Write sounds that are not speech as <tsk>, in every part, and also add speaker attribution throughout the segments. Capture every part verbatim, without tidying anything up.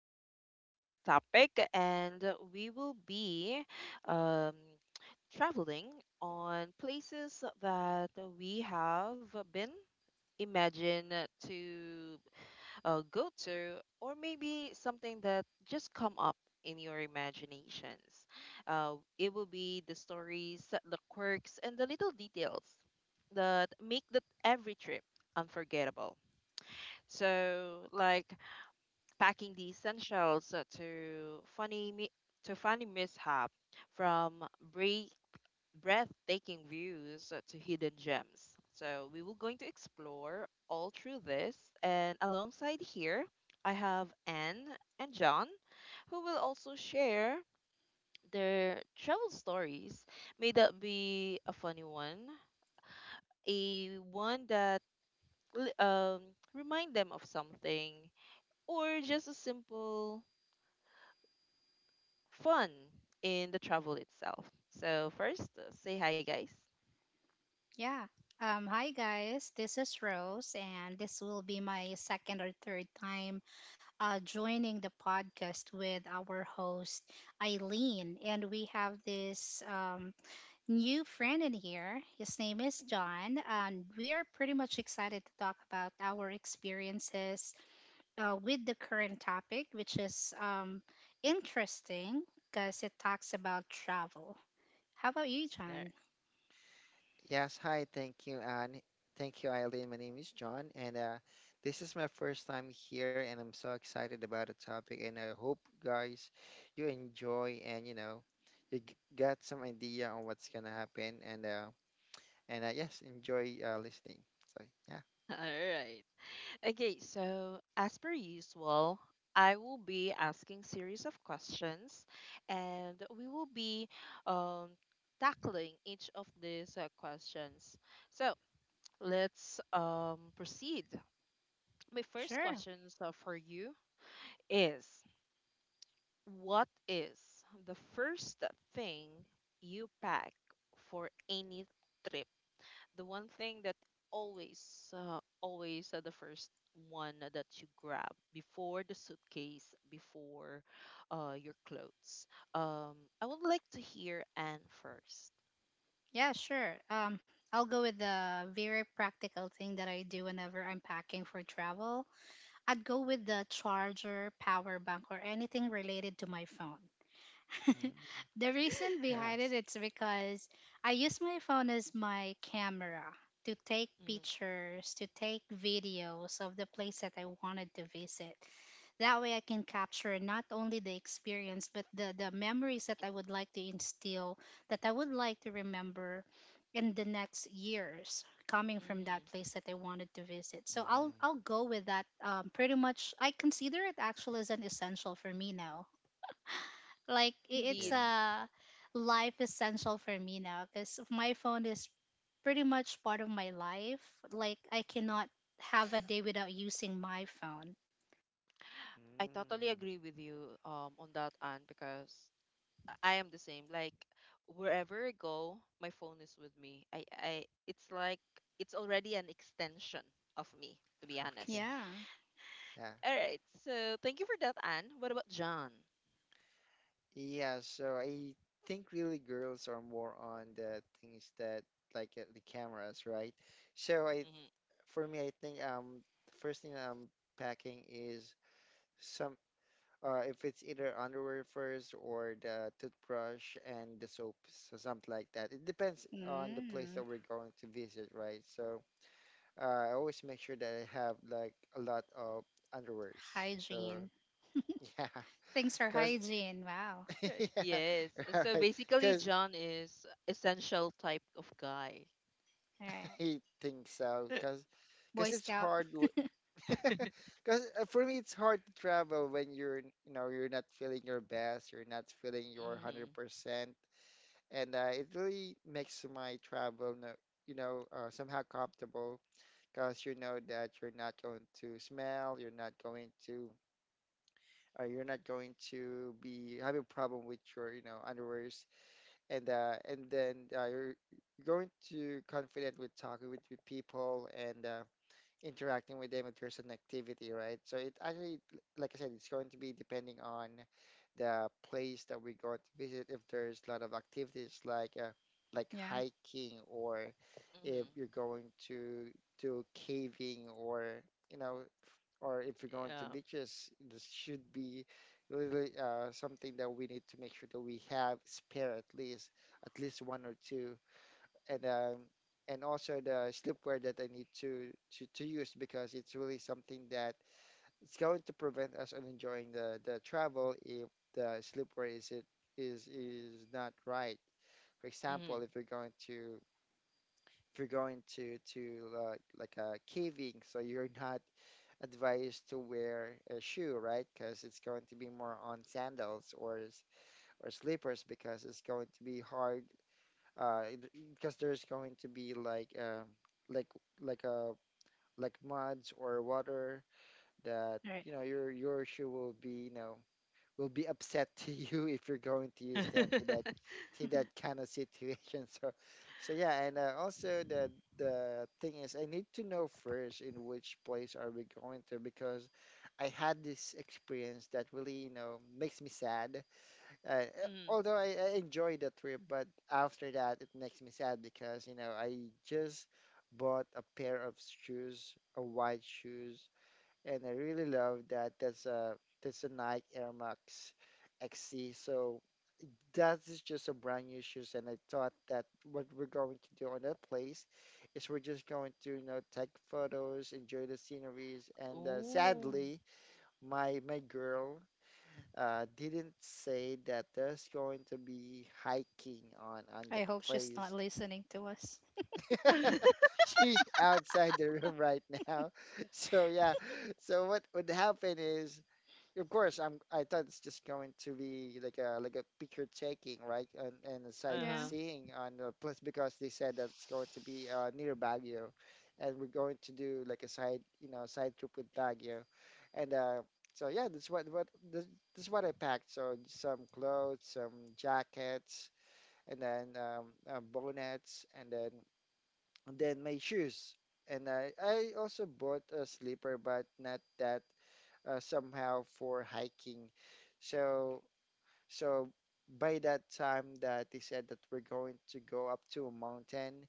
Speaker 1: for today's uh, topic, and uh, we will be um, traveling on places that we have been imagined to uh, go to, or maybe something that just come up in your imaginations. Uh, it will be the stories, the quirks, and the little details that make the every trip unforgettable. So, like packing the essentials uh, to funny mi- to funny mishap, from breath breathtaking views uh, to hidden gems. So we will going to explore all through this, and alongside here, I have Anne and John who will also share their travel stories. May that be a funny one, a one that li- um remind them of something, or just a simple fun in the travel itself. So first, uh, say hi, guys.
Speaker 2: Yeah. Um, hi guys, this is Rose, and this will be my second or third time uh, joining the podcast with our host Eileen, and we have this um, new friend in here. His name is John, and we are pretty much excited to talk about our experiences uh, with the current topic, which is um, interesting because it talks about travel. How about you, John?
Speaker 3: Yes, hi, thank you, Anne. Thank you, Eileen. My name is John, and uh, this is my first time here, and I'm so excited about the topic. And I hope, guys, you enjoy and you know, you g- got some idea on what's gonna happen, and uh, and uh, yes, enjoy uh, listening. So yeah,
Speaker 1: All right. Okay, so as per usual, I will be asking series of questions, and we will be um, tackling each of these uh, questions. So let's um, proceed. My first
Speaker 2: Sure.
Speaker 1: question so for you is: what is the first thing you pack for any trip? The one thing that always uh, always uh, the first one that you grab before the suitcase before uh, your clothes, um, I would like to hear Anne first.
Speaker 2: Yeah, sure. Um, I'll go with the very practical thing that I do whenever I'm packing for travel. I'd go with the charger, power bank, or anything related to my phone. <laughs>
Speaker 3: mm,
Speaker 2: The reason behind it
Speaker 3: yes,
Speaker 2: it's because I use my phone as my camera to take
Speaker 1: Mhm,
Speaker 2: pictures, to take videos of the place that I wanted to visit. That way I can capture not only the experience but the, the memories that I would like to instill, that I would like to remember in the next years coming from that
Speaker 1: mhm.
Speaker 2: place that I wanted to visit. So I'll
Speaker 3: mm,
Speaker 2: I'll go with that, um, pretty much I consider it actually as an essential for me now. Like
Speaker 1: <laughs>
Speaker 2: i- it's
Speaker 1: Indeed,
Speaker 3: yeah,
Speaker 2: a life essential for me now because my phone is pretty much part of my life. Like I cannot have a day without using my phone.
Speaker 1: I totally
Speaker 3: mm,
Speaker 1: agree with you um on that, Anne, because I I am the same. Like wherever I go, my phone is with me. I I it's like it's already an extension of me, to be
Speaker 3: <laughs> okay,
Speaker 1: honest.
Speaker 2: Yeah.
Speaker 3: yeah.
Speaker 1: All right. So thank you for that, Anne. What about John?
Speaker 3: Yeah, so I think really girls are more on the things that like uh, the cameras, right? So I,
Speaker 1: Hmm
Speaker 3: for me, I think um the first thing that I'm packing is some uh if it's either underwear first or the toothbrush and the soaps or something like that. It depends on the place
Speaker 2: Mm.
Speaker 3: that we're going to visit, right? So uh, I always make sure that I have like a lot of underwears. So
Speaker 2: Hygiene.
Speaker 3: <laughs> yeah,
Speaker 2: Things are
Speaker 3: because
Speaker 2: hygiene. Wow.
Speaker 3: <laughs> yeah,
Speaker 1: Yes. Uh,
Speaker 3: <laughs>
Speaker 1: So
Speaker 3: right.
Speaker 1: basically,
Speaker 3: Because
Speaker 1: John is essential type of guy.
Speaker 2: All right.
Speaker 3: I think so,
Speaker 1: <laughs>
Speaker 3: cause cause
Speaker 2: Boy
Speaker 3: it's
Speaker 2: Scout.
Speaker 3: hard. Cause <laughs> for me, it's hard to travel when you're, you know, you're not feeling your best. You're not feeling your one
Speaker 1: Mm-hmm.
Speaker 3: hundred percent, and uh, it really makes my travel, no, you know, uh, somehow comfortable. Cause you know that you're not going to smell. You're not going to. Uh, you're not going to be having a problem with your, you know, underwears, and uh, and then uh, you're going to confident with talking with, with people and. Uh, interacting with them if there's an activity, right? So it actually, like I said, it's going to be depending on the place that we're going to visit. If there's a lot of activities like uh, like
Speaker 2: Yeah.
Speaker 3: hiking, or if you're
Speaker 1: Mm-hmm.
Speaker 3: going to do caving, or you know, or if you're going to
Speaker 1: Yeah.
Speaker 3: beaches, this should be really uh, something that we need to make sure that we have spare at least at least one or two and um and also the sleepwear that I need to to to use because it's really something that it's going to prevent us on enjoying the the travel if the sleepwear is it is is not right. For example,
Speaker 1: Mm-hmm.
Speaker 3: if you're going to if you're going to to uh, like a caving, so you're not advised to wear a shoe, right? Because it's going to be more on sandals or s- or slippers because it's going to be hard uh it- because there's going to be like um like like a like muds or water that
Speaker 2: All right.
Speaker 3: you know your your shoe will be you know will be upset <laughs> to you if you're going to use them to that to that kind of situation. <laughs> So so yeah and uh, also the the thing is I need to know first in which place are we going to, because I had this experience that really you know makes me sad uh, eh,
Speaker 1: <laughs> mm
Speaker 3: although I, I enjoyed the trip, but after that it makes me sad because you know I just bought a pair of shoes, a white shoes, and I really love that. That's a that's a Nike Air Max X C. So that is just a brand new shoes, and I thought that what we're going to do on that place is we're just going to you know take photos, enjoy the sceneries, and uh,
Speaker 1: Ooh.
Speaker 3: sadly my my girl uh, didn't say that there's going to be hiking on
Speaker 2: <laughs>
Speaker 3: on
Speaker 2: I
Speaker 3: that
Speaker 2: hope she's not
Speaker 3: place.
Speaker 2: listening to us.
Speaker 1: <laughs>
Speaker 3: <laughs> She's outside the room right now. <laughs> So yeah. So what would happen is of course, I'm. I thought it's just going to be like a like a picture taking, right, and and a
Speaker 2: Yeah.
Speaker 1: uh-huh.
Speaker 3: sightseeing on the place because they said that it's going to be uh, near Baguio, and we're going to do like a side you know side trip with Baguio, and uh, so yeah, that's what what this, this is what I packed. So some clothes, some jackets, and then um, uh, bonnets, and then and then my shoes, and I I also bought a sleeper, but not that uh, somehow for hiking. So so by that time that they said that we're going to go up to a mountain,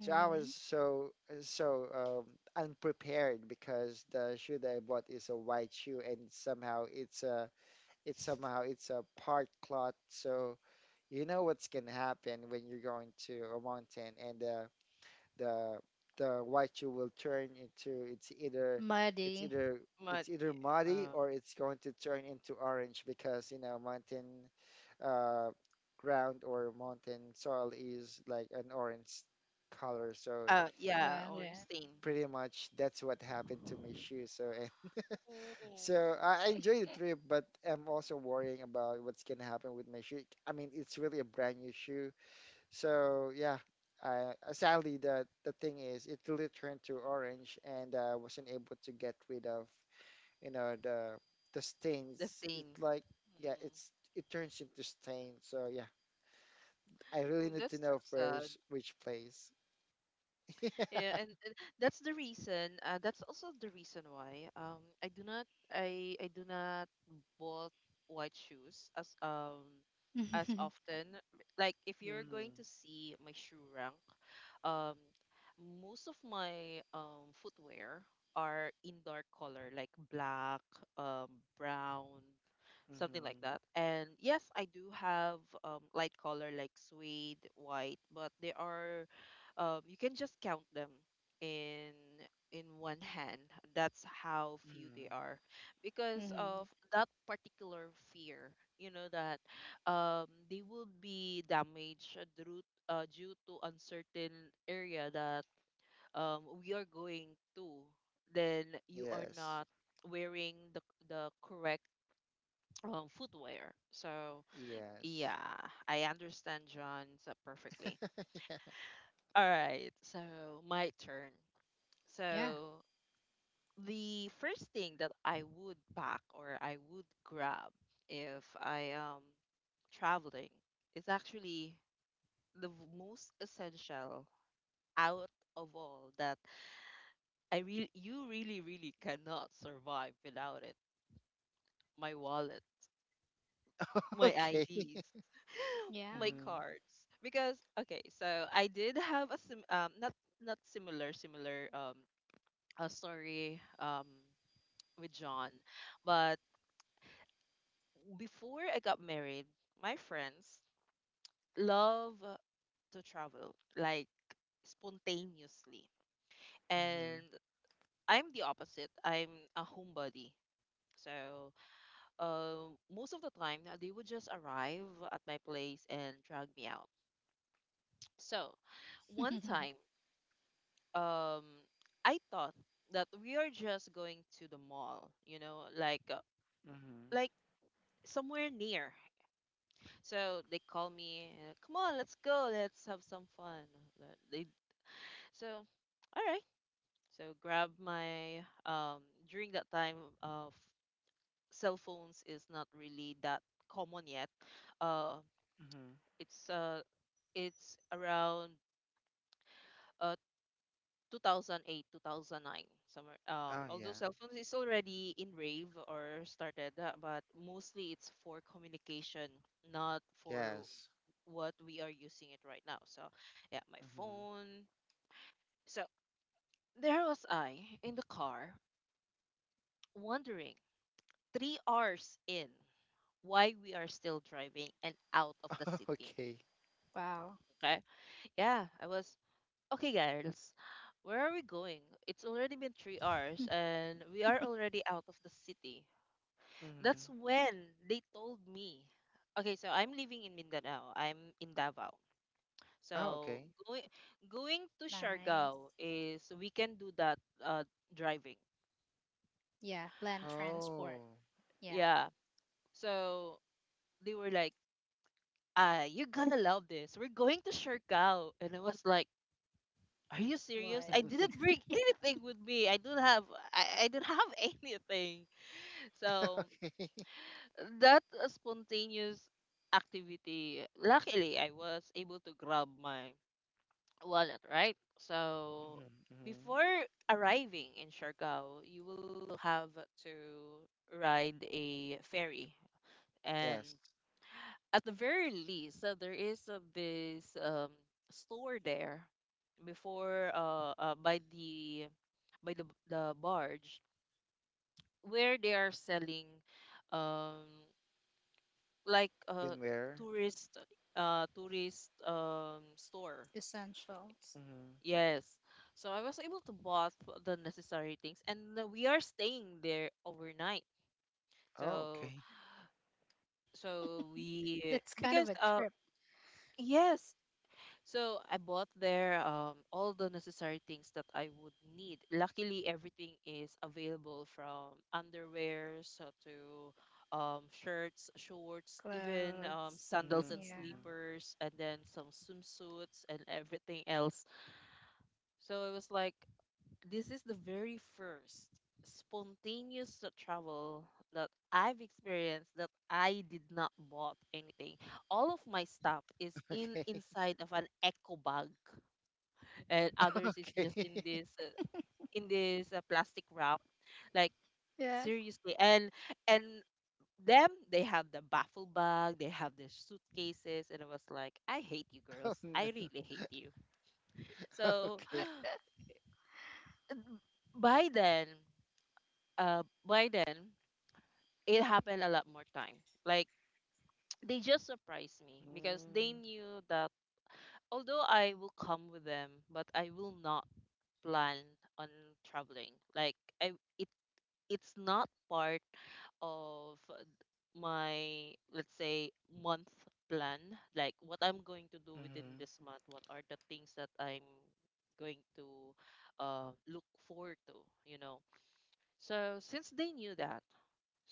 Speaker 3: so I
Speaker 2: Hmm.
Speaker 3: was so so um, unprepared because the shoe that I bought is a white shoe and somehow it's a it's somehow it's a part cloth. So you know what's gonna happen when you're going to a mountain and uh, the the white you will turn into it's either it's
Speaker 2: Muddy.
Speaker 3: either
Speaker 1: But
Speaker 3: it's
Speaker 1: yeah,
Speaker 3: either muddy
Speaker 1: uh,
Speaker 3: or it's going to turn into orange because you know mountain uh ground or mountain soil is like an orange color so
Speaker 1: uh, yeah,
Speaker 2: Got
Speaker 1: or
Speaker 2: it.
Speaker 1: stain.
Speaker 3: pretty much that's what happened to my shoes so and <laughs>
Speaker 1: Ooh.
Speaker 3: so I I enjoy the trip, but I'm also worrying about what's gonna happen with my shoe. I mean it's really a brand new shoe, so yeah, uh, sadly the the thing is it really turned to orange, and I uh, wasn't able to get rid of you know the the
Speaker 1: The
Speaker 3: stains. It
Speaker 1: stain.
Speaker 3: like yeah,
Speaker 1: Mm
Speaker 3: it's it turns into stain. So yeah, I really
Speaker 1: Oh,
Speaker 3: need to
Speaker 1: that's so
Speaker 3: know
Speaker 1: sad.
Speaker 3: first which place. <laughs> yeah.
Speaker 1: Yeah, and, and that's the reason uh, that's also the reason why um I do not i i do not bought white shoes as um as
Speaker 2: <laughs>
Speaker 1: often. Like if you're going
Speaker 3: Mm-hmm.
Speaker 1: to see my shoe rank, um most of my um footwear are in dark color like black, um brown, something like
Speaker 3: Mm-hmm.
Speaker 1: that. And yes, I do have um light color like suede white, but they are, um, you can just count them in in one hand. That's how few they
Speaker 3: Mm-hmm.
Speaker 1: are, because
Speaker 2: Hmm.
Speaker 1: of that particular fear. You know that um, they will be damaged due uh, due to uncertain area that um, we are going to. Then you are
Speaker 3: Yes.
Speaker 1: not wearing the the correct um, footwear. So
Speaker 3: Yes.
Speaker 1: yeah, I understand John's uh, perfectly.
Speaker 3: <laughs> Yeah.
Speaker 1: All right, so my turn.
Speaker 2: Yeah.
Speaker 1: So the first thing that I would pack or I would grab if I am traveling is actually the v- most essential out of all that I really you really really cannot survive without it. My wallet, my
Speaker 3: Okay.
Speaker 1: I Ds, my
Speaker 2: Yeah.
Speaker 3: Mm-hmm.
Speaker 1: cards. Because okay, so I did have a sim um not not similar similar um a story um with John, but before I got married, my friends love to travel like spontaneously.
Speaker 3: Mm-hmm.
Speaker 1: And I'm the opposite. I'm a homebody. So, uh, most of the time, uh, they would just arrive at my place and drag me out. So, one
Speaker 2: <laughs>
Speaker 1: time, um, I thought that we are just going to the mall, you know, like uh,
Speaker 3: Mm-hmm.
Speaker 1: like somewhere near. So they call me, uh, come on, let's go, let's have some fun. Uh, They, so, <tsk> all right. So grab my um during that time of cell phones is not really that common yet. Uh,
Speaker 3: Mm-hmm.
Speaker 1: it's uh it's around uh two thousand eight two thousand nine somewhere. Um,
Speaker 3: Oh
Speaker 1: although
Speaker 3: yeah.
Speaker 1: cell phones is already in rave or started, uh, but mostly it's for communication, not for
Speaker 3: Yes.
Speaker 1: what we are using it right now. So, yeah, my
Speaker 3: Mm-hmm.
Speaker 1: phone. So, there was I in the car wondering three hours in why we are still driving and out of the
Speaker 3: <laughs>
Speaker 1: city.
Speaker 3: Okay.
Speaker 2: Wow.
Speaker 1: Okay? Yeah, I was, okay, girls, where are we going? It's already been three hours and we are already out of the city.
Speaker 3: Mm-hmm.
Speaker 1: That's when they told me. Okay, so I'm living in Mindanao. I'm in Davao.
Speaker 3: Oh,
Speaker 1: So
Speaker 3: okay.
Speaker 1: going going to
Speaker 2: Nice.
Speaker 1: Siargao is we can do that uh driving.
Speaker 2: Yeah. Land transport.
Speaker 3: Oh,
Speaker 2: Yeah.
Speaker 1: Yeah. So they were like, "Ah, you're gonna love this. We're going to Siargao." And I was like, "Are you
Speaker 2: What?
Speaker 1: serious? I didn't bring <laughs> anything with me. I don't have I, I don't have <laughs> anything."
Speaker 3: <laughs>
Speaker 1: So
Speaker 3: okay.
Speaker 1: that uh, spontaneous activity, luckily I was able to grab my wallet, right? So
Speaker 3: Mhm, mhm,
Speaker 1: before arriving in Siargao, you will have to ride a ferry, and
Speaker 3: yes.
Speaker 1: at the very least, so there is uh, this um, store there before uh, uh by the by the the barge where they are selling um like uh
Speaker 3: Swimwear.
Speaker 1: tourist uh tourist um store.
Speaker 2: Essentials.
Speaker 3: Mhm,
Speaker 1: Yes. So I was able to bought the necessary things and uh, we are staying there overnight.
Speaker 3: oh,
Speaker 1: So
Speaker 3: okay.
Speaker 1: so we
Speaker 2: That's kind of
Speaker 1: because
Speaker 2: a
Speaker 1: uh
Speaker 2: trip.
Speaker 1: yes. So I bought there um all the necessary things that I would need. Luckily everything is available from underwear so to um shirts, shorts, even um
Speaker 2: Clothes.
Speaker 1: sandals
Speaker 3: Mhm,
Speaker 1: and
Speaker 2: Yeah.
Speaker 3: mhm.
Speaker 1: sleepers, and then some swimsuits and everything else. So it was like, this is the very first spontaneous travel that I've experienced that I did not bought anything. All of my stuff is
Speaker 3: <laughs>
Speaker 1: in
Speaker 3: Okay.
Speaker 1: inside of an eco bag, and
Speaker 3: <laughs>
Speaker 1: others is just
Speaker 3: Okay.
Speaker 1: in this uh, in this uh, plastic wrap. Like
Speaker 2: Yeah.
Speaker 1: seriously, and and them they have the baffle bag, they have the suitcases, and I was like, I hate you
Speaker 3: <laughs> Oh,
Speaker 1: girls. I
Speaker 3: no.
Speaker 1: really hate you.
Speaker 3: <laughs>
Speaker 1: So
Speaker 3: Okay.
Speaker 1: <gasps> by then, uh, by then it happened a lot more time. Like <tsk> they just surprised me because they
Speaker 3: Mm,
Speaker 1: knew that although I will come with them, but I will not plan on traveling. Like I it it's not part of my let's say month plan. Like what I'm going to do within
Speaker 3: mhm.
Speaker 1: this month, what are the things that I'm going to uh, look forward to, you know. So since they knew that,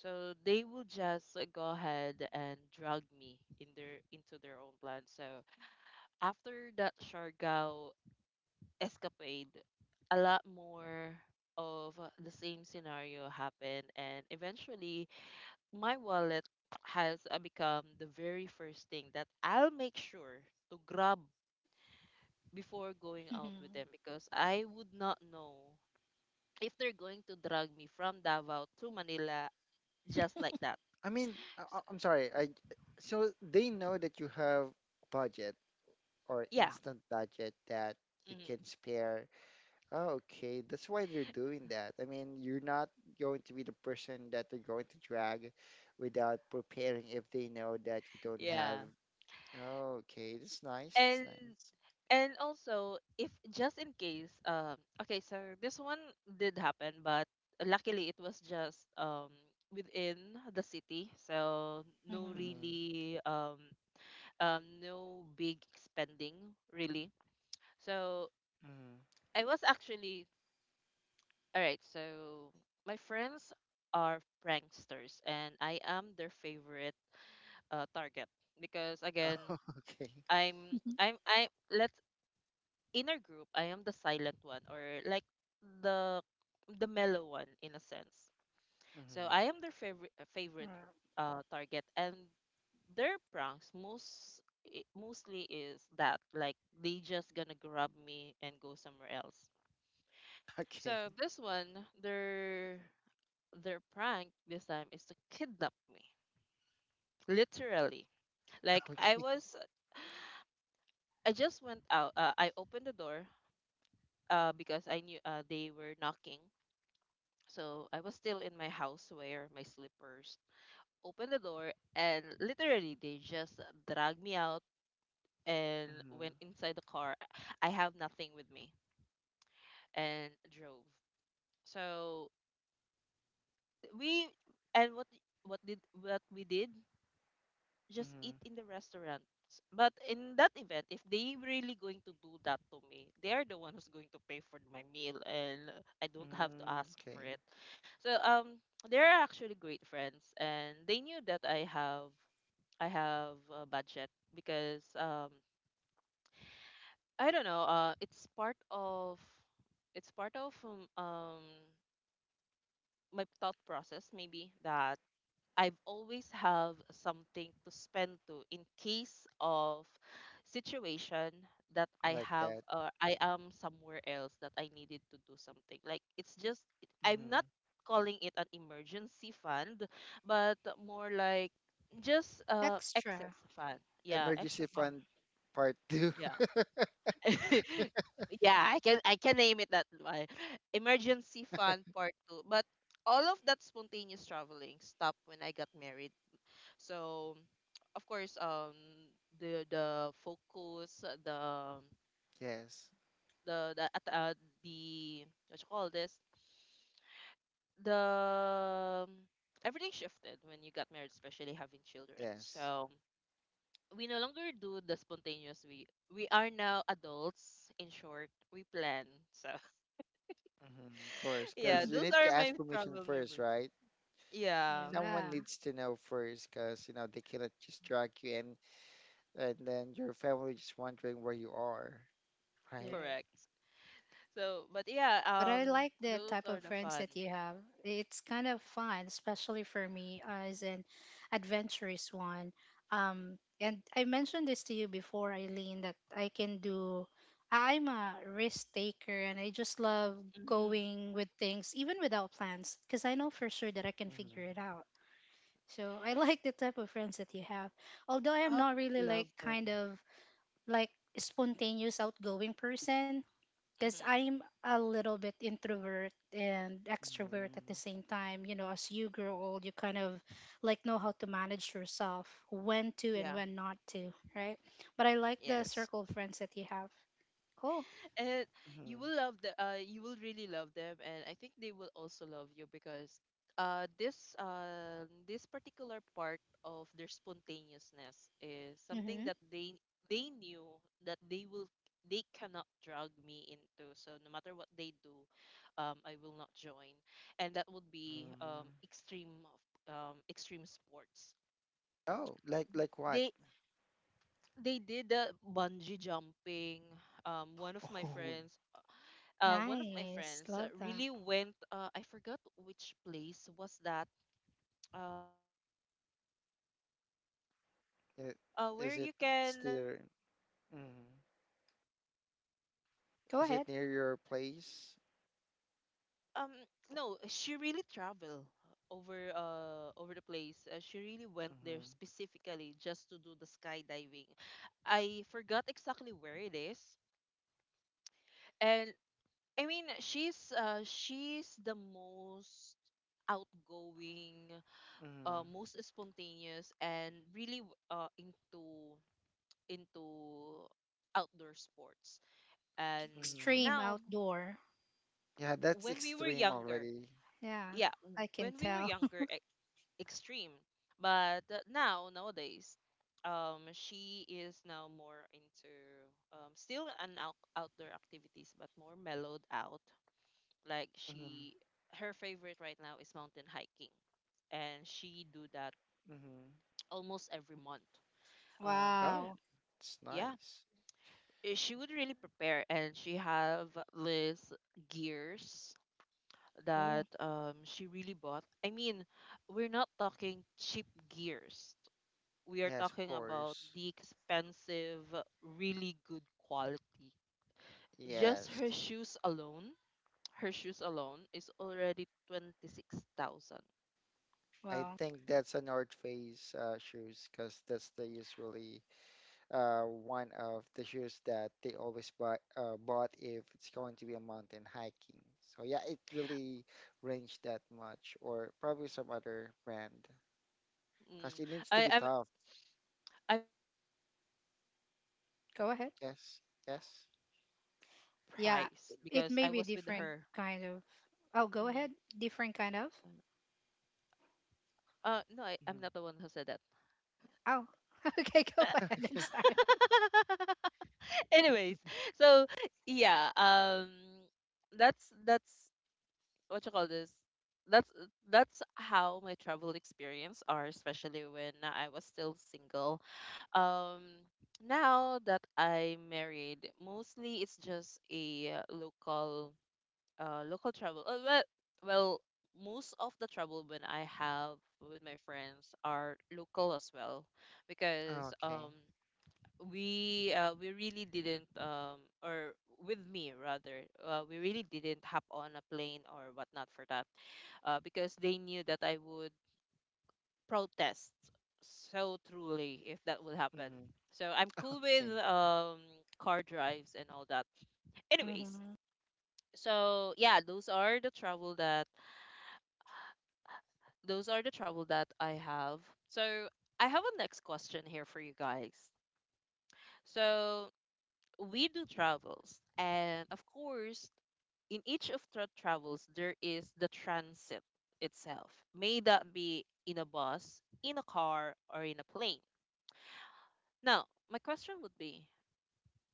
Speaker 1: so they will just uh, go ahead and drag me in their into their own plan. So after that Siargao escapade, a lot more of uh, the same scenario happened, and eventually my wallet has uh, become the very first thing that I'll make sure to grab before
Speaker 2: <laughs>
Speaker 1: going out with
Speaker 2: Hmm.
Speaker 1: them because I would not know if they're going to drag me from Davao to Manila just like that.
Speaker 3: I mean, I,
Speaker 1: S-
Speaker 3: I- I'm sorry. I so they know that you have budget or
Speaker 1: Yeah.
Speaker 3: instant budget that you
Speaker 1: Mhm.
Speaker 3: can spare. Oh, okay, that's why they're doing that. I mean, you're not going to be the person that they're going to drag without preparing if they know that you don't have.
Speaker 1: Yeah.
Speaker 3: Oh, okay, that's nice. That's
Speaker 1: and
Speaker 3: nice.
Speaker 1: and also if just in case um okay, so this one did happen, but luckily it was just um within the city, so no
Speaker 3: Mm-hmm.
Speaker 1: really um um no big spending really. So
Speaker 3: Mm-hmm.
Speaker 1: I was actually, all right, so my friends are pranksters and I am their favorite uh, target, because again
Speaker 3: Oh, <laughs> okay,
Speaker 1: I'm
Speaker 2: Hmm.
Speaker 1: I'm I let's in our group, I am the silent one or like the the mellow one in a sense. So
Speaker 3: mm-hmm.
Speaker 1: I am their favorite favorite
Speaker 2: <laughs>
Speaker 1: uh, target, and their pranks most i- mostly is that like they just gonna grab me and go somewhere else.
Speaker 3: Okay,
Speaker 1: So this one, their their prank this time is to kidnap me, literally.
Speaker 3: <laughs>
Speaker 1: Like I
Speaker 3: okay,
Speaker 1: was, I just went out. Uh, I opened the door uh, because I knew uh, they were knocking. So I was still in my house where my slippers. Opened the door and literally they just dragged me out and
Speaker 3: mm-hmm.
Speaker 1: went inside the car. I have nothing with me and drove. So we and what what did what we did? Just
Speaker 3: Mm-hmm.
Speaker 1: eat in the restaurant. But in that event, if they really going to do that to me, they are the one who's going to pay for my meal, and I don't have to
Speaker 3: Mm-hmm.
Speaker 1: ask for
Speaker 3: Okay.
Speaker 1: it. So um, they're actually great friends, and they knew that I have I have a budget because, um, I don't know. Uh, it's part of it's part of um, um my thought process maybe that I've always have something to spend to in case of situation that
Speaker 3: I
Speaker 1: I
Speaker 3: like
Speaker 1: have
Speaker 3: that.
Speaker 1: or I am somewhere else that I needed to do something. Like it's just it, I'm
Speaker 3: Mm-hmm.
Speaker 1: not calling it an emergency fund, but more like just uh
Speaker 2: Extra.
Speaker 1: excess fund. Yeah, extra
Speaker 3: Emergency
Speaker 1: fund.
Speaker 3: fund part two.
Speaker 1: Yeah.
Speaker 3: <laughs>
Speaker 1: <laughs> yeah, I can I can name it that way. Emergency fund part two. But all of that spontaneous traveling stopped when I got married. So, of course, um, the the focus, the
Speaker 3: Yes,
Speaker 1: the the at uh, the what you call this, the everything shifted when you got married, especially having children.
Speaker 3: yes,
Speaker 1: So we no longer do the spontaneous. We we are now adults. In short, we plan. So
Speaker 3: mm-hmm. Of course,
Speaker 1: <laughs> yeah,
Speaker 3: because you
Speaker 1: those
Speaker 3: need to
Speaker 1: are my
Speaker 3: ask permission
Speaker 1: travel
Speaker 3: first,
Speaker 1: memories.
Speaker 3: right?
Speaker 1: Yeah,
Speaker 3: Someone
Speaker 2: Yeah.
Speaker 3: needs to know first because you know they cannot just drag you in and then your family just wondering where you are, right.
Speaker 2: Yeah.
Speaker 1: correct. So, but yeah,
Speaker 2: But I
Speaker 1: um,
Speaker 2: like the
Speaker 1: those
Speaker 2: type
Speaker 1: are
Speaker 2: of
Speaker 1: the
Speaker 2: friends
Speaker 1: fun.
Speaker 2: that you have. It's kind of fun, especially for me as an adventurous one. Um, and I mentioned this to you before, Eileen, that I can do. I'm a risk taker, and I just love
Speaker 1: Mm-hmm.
Speaker 2: going with things, even without plans, because I know for sure that I can
Speaker 3: Hmm
Speaker 2: figure it out. So I <laughs> like the type of friends that you have. Although I am
Speaker 1: Oh,
Speaker 2: not
Speaker 1: I
Speaker 2: really like
Speaker 1: love them.
Speaker 2: kind of like spontaneous outgoing person, because
Speaker 1: Hmm
Speaker 2: I'm a little bit introvert and extrovert at the
Speaker 3: hmm
Speaker 2: same time. You know, as you grow old, you kind of like know how to manage yourself, when to and
Speaker 1: Yeah,
Speaker 2: when not to, right? But I like the
Speaker 1: yes.
Speaker 3: yes
Speaker 2: circle of friends that you have. Cool.
Speaker 1: And you
Speaker 3: hmm
Speaker 1: will love the uh you will really love them, and I think they will also love you because uh this uh this particular part of their spontaneousness is something
Speaker 2: Mm-hmm.
Speaker 1: that they they knew that they will they cannot drag me into. So no matter what they do, um I will not join. And that would be
Speaker 3: hmm
Speaker 1: um extreme um extreme sports.
Speaker 3: oh like like what.
Speaker 1: They they did the bungee jumping. Um, one
Speaker 3: <laughs>
Speaker 1: of my
Speaker 3: Oh,
Speaker 1: friends, uh, One of my
Speaker 2: Nice.
Speaker 1: friends uh,
Speaker 2: Love that.
Speaker 1: really went. Uh, I forgot which place was that. Uh, if I remember it correctly, it's somewhere in Visayas,
Speaker 3: i-
Speaker 1: uh, where
Speaker 3: is it
Speaker 1: you can
Speaker 3: still
Speaker 1: um
Speaker 3: mm,
Speaker 1: skydiving.
Speaker 2: Go
Speaker 3: is it
Speaker 2: ahead.
Speaker 3: near your place
Speaker 1: Um, no, she really traveled over uh over the place. Uh, she really went there
Speaker 3: hmm
Speaker 1: specifically just to do the skydiving. I forgot exactly where it is. And I mean, she's uh, she's the most outgoing,
Speaker 3: hmm
Speaker 1: uh, most spontaneous, and really w- uh, into into outdoor sports.
Speaker 2: Like
Speaker 1: And
Speaker 3: hmm.
Speaker 2: extreme
Speaker 1: now,
Speaker 2: outdoor.
Speaker 3: Yeah, that's
Speaker 1: when we were
Speaker 3: extreme
Speaker 1: younger,
Speaker 3: already.
Speaker 2: Yeah,
Speaker 1: yeah, w-
Speaker 2: I can
Speaker 1: when we were
Speaker 2: tell.
Speaker 1: younger, e- extreme. But uh, now nowadays, um, she is now more into, um, still an out- outdoor activities, but more mellowed out. Like
Speaker 3: Hmm
Speaker 1: she her favorite right now is mountain hiking, and she do that
Speaker 3: hmm
Speaker 1: <tsk> almost every month.
Speaker 2: <laughs>
Speaker 1: Um
Speaker 3: oh
Speaker 2: Wow.
Speaker 3: it's
Speaker 1: yeah,
Speaker 3: nice.
Speaker 1: eh, she would really prepare, and she have this gears that
Speaker 2: Cool.
Speaker 1: um she really bought. I mean, we're not talking cheap gears. We are
Speaker 3: Yes, of
Speaker 1: talking about
Speaker 3: course,
Speaker 1: the expensive, really good quality. Just
Speaker 3: yes.
Speaker 1: her shoes alone, her shoes alone is already twenty-six thousand.
Speaker 3: I
Speaker 2: Wow.
Speaker 3: think that's a North Face uh, shoes because that's the usually uh, one of the shoes that they always buy uh, bought if it's going to be a mountain hiking. So yeah, it really range that much, or probably some other brand
Speaker 1: Mm.
Speaker 3: because it needs to
Speaker 1: I,
Speaker 3: be
Speaker 1: I
Speaker 3: tough.
Speaker 1: I'm not I'm not familiar with the brand, but I
Speaker 2: Go ahead.
Speaker 1: only
Speaker 3: Yes,
Speaker 1: remember
Speaker 3: yes.
Speaker 1: I only remember the
Speaker 2: Yeah,
Speaker 1: price
Speaker 2: it
Speaker 1: because
Speaker 2: may
Speaker 1: I
Speaker 2: be
Speaker 1: was with
Speaker 2: different
Speaker 1: her.
Speaker 2: kind of. Oh, go
Speaker 1: Mm.
Speaker 2: ahead. Different kind of.
Speaker 1: Uh, no, I, I'm
Speaker 3: Mhm.
Speaker 1: not the one who said that.
Speaker 2: Oh, <laughs> okay, go
Speaker 3: <laughs>
Speaker 2: ahead. I'm
Speaker 3: Okay.
Speaker 2: sorry.
Speaker 1: <laughs> Anyways, so yeah, um, that's that's what you call this. That's that's how my travel experience are, especially when I was still single. Um, Now that I married, mostly it's just a uh, local uh local travel, uh, well, well most of the travel when I have with my friends are local as well, because
Speaker 3: Okay.
Speaker 1: um we uh, we really didn't, um or with me rather, uh, we really didn't hop on a plane or whatnot for that, uh, because they knew that I would protest so truly if that would happen,
Speaker 3: Hmm.
Speaker 1: so I'm cool with
Speaker 3: Okay.
Speaker 1: um car drives and all that, anyways.
Speaker 2: Mm-hmm.
Speaker 1: So yeah, those are the travel that those are the trouble that I have. So I have a next question here for you guys. So we do travels, and of course, in each of the travels, there is the transit itself. May that be in a bus, in a car, or in a plane. Now, my question would be,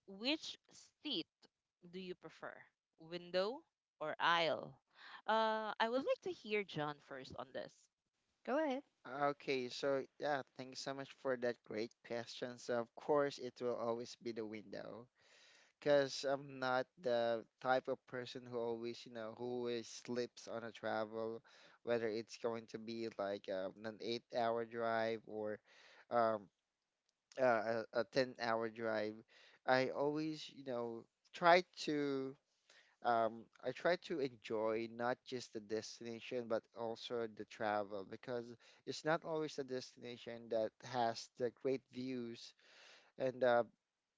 Speaker 1: which seat do you prefer, window or aisle? Uh, I would like to hear John first on this.
Speaker 2: Go ahead.
Speaker 3: Okay. So, yeah, thanks so much for that great question. So of course, it will always be the window, because I'm not the type of person who always, you know, who always sleeps on a travel, whether it's going to be like um, an eight-hour drive or um, uh, a, a ten-hour drive. I always, you know, try to um, I try to enjoy not just the destination but also the travel because it's not always the destination that has the great views and uh,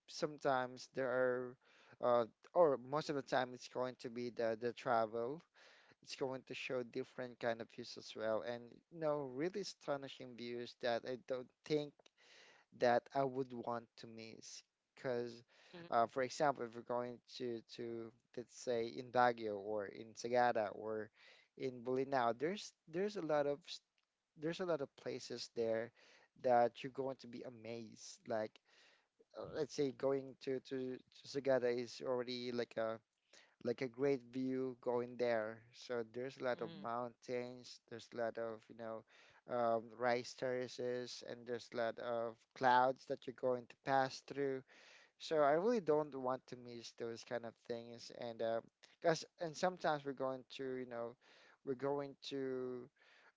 Speaker 3: sometimes there are uh, or most of the time it's going to be the the travel. It's going to show different kind of views as well, and you know really astonishing views that I don't think that I would want to miss because
Speaker 1: Mhm,
Speaker 3: uh, for example if we're going to to let's say in Baguio or in Sagada or in Bolinao, there's there's a lot of s- there's a lot of places there that you're going to be amazed like uh, let's say going to to to Sagada is already like a like a great view going there. So there's a lot of
Speaker 1: mhm.
Speaker 3: mountains, there's a lot of you know um, rice terraces, and there's a lot of clouds that you're going to pass through. So I really don't want to miss those kind of things, and because and sometimes we're going to, you know, we're going to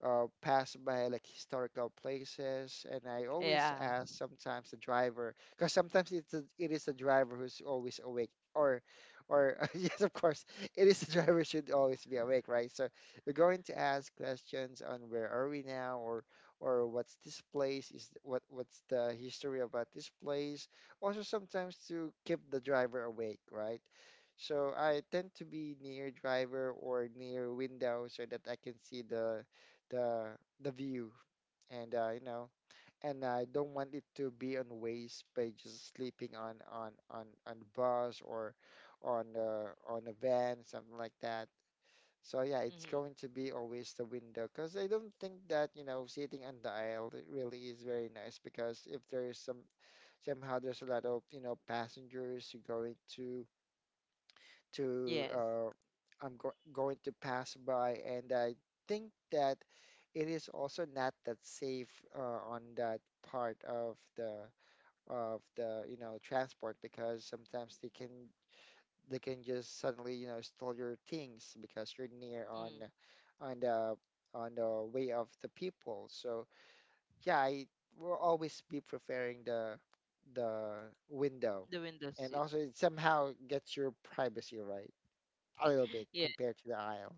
Speaker 3: uh, pass by like historical places, and I always
Speaker 1: Yeah.
Speaker 3: ask sometimes the driver, because sometimes it's a, it is the driver who's always awake, or or <laughs> yes, of course, it is the driver should always be awake, right? So we're going to ask questions on where are we now, or or what's this place? Is what what's the history about this place? Also sometimes to keep the driver awake, right? So I tend to be near driver or near window so that I can see the the the view, and uh, you know, and I don't want it to be on waste by just sleeping on on on on bus or on uh, on a van, something like that. So yeah, it's
Speaker 1: Mm-hmm.
Speaker 3: going to be always the window because I don't think that you know sitting on the aisle really is very nice because if there is some somehow there's a lot of you know passengers who going to to
Speaker 1: Yes.
Speaker 3: uh, I'm go going to pass by, and I think that it is also not that safe uh, on that part of the of the you know transport because sometimes they can they can just suddenly you know steal your things because you're near on
Speaker 1: Mm,
Speaker 3: on the on the way of the people. So yeah, I will always be preferring the the window,
Speaker 1: the window
Speaker 3: and
Speaker 1: seat.
Speaker 3: also it somehow gets your privacy right a little bit
Speaker 1: <laughs> Yeah.
Speaker 3: compared to the aisle.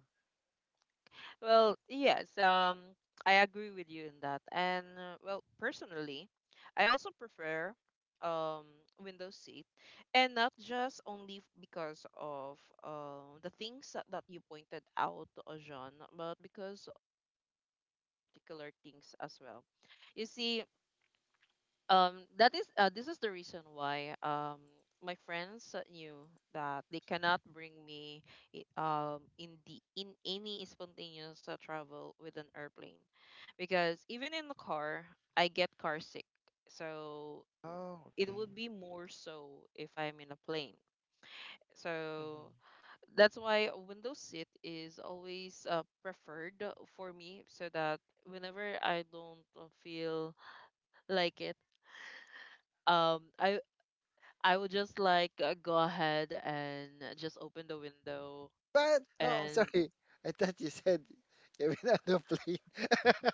Speaker 1: Well, yes. Um, I agree with you in that. And uh, well, personally, I also prefer um window seat, and not just only f- because of um the things that, that you pointed out, uh, John, but because of one particular things as well. You see, um that is uh, this is the reason why um my friends uh, knew that they cannot bring me, i- um in the in any spontaneous uh, travel with an airplane, because even in the car I get car sick, so
Speaker 3: Oh,
Speaker 1: it
Speaker 3: okay.
Speaker 1: would be more so if I am in a plane, so
Speaker 3: Mm-hmm.
Speaker 1: that's why a window seat is always uh, preferred for me, so that whenever I don't uh, feel like it, um I I would just like uh, go ahead and uh, just open the window
Speaker 3: But oh, I'm
Speaker 1: and
Speaker 3: sorry, I thought you said even on the plane.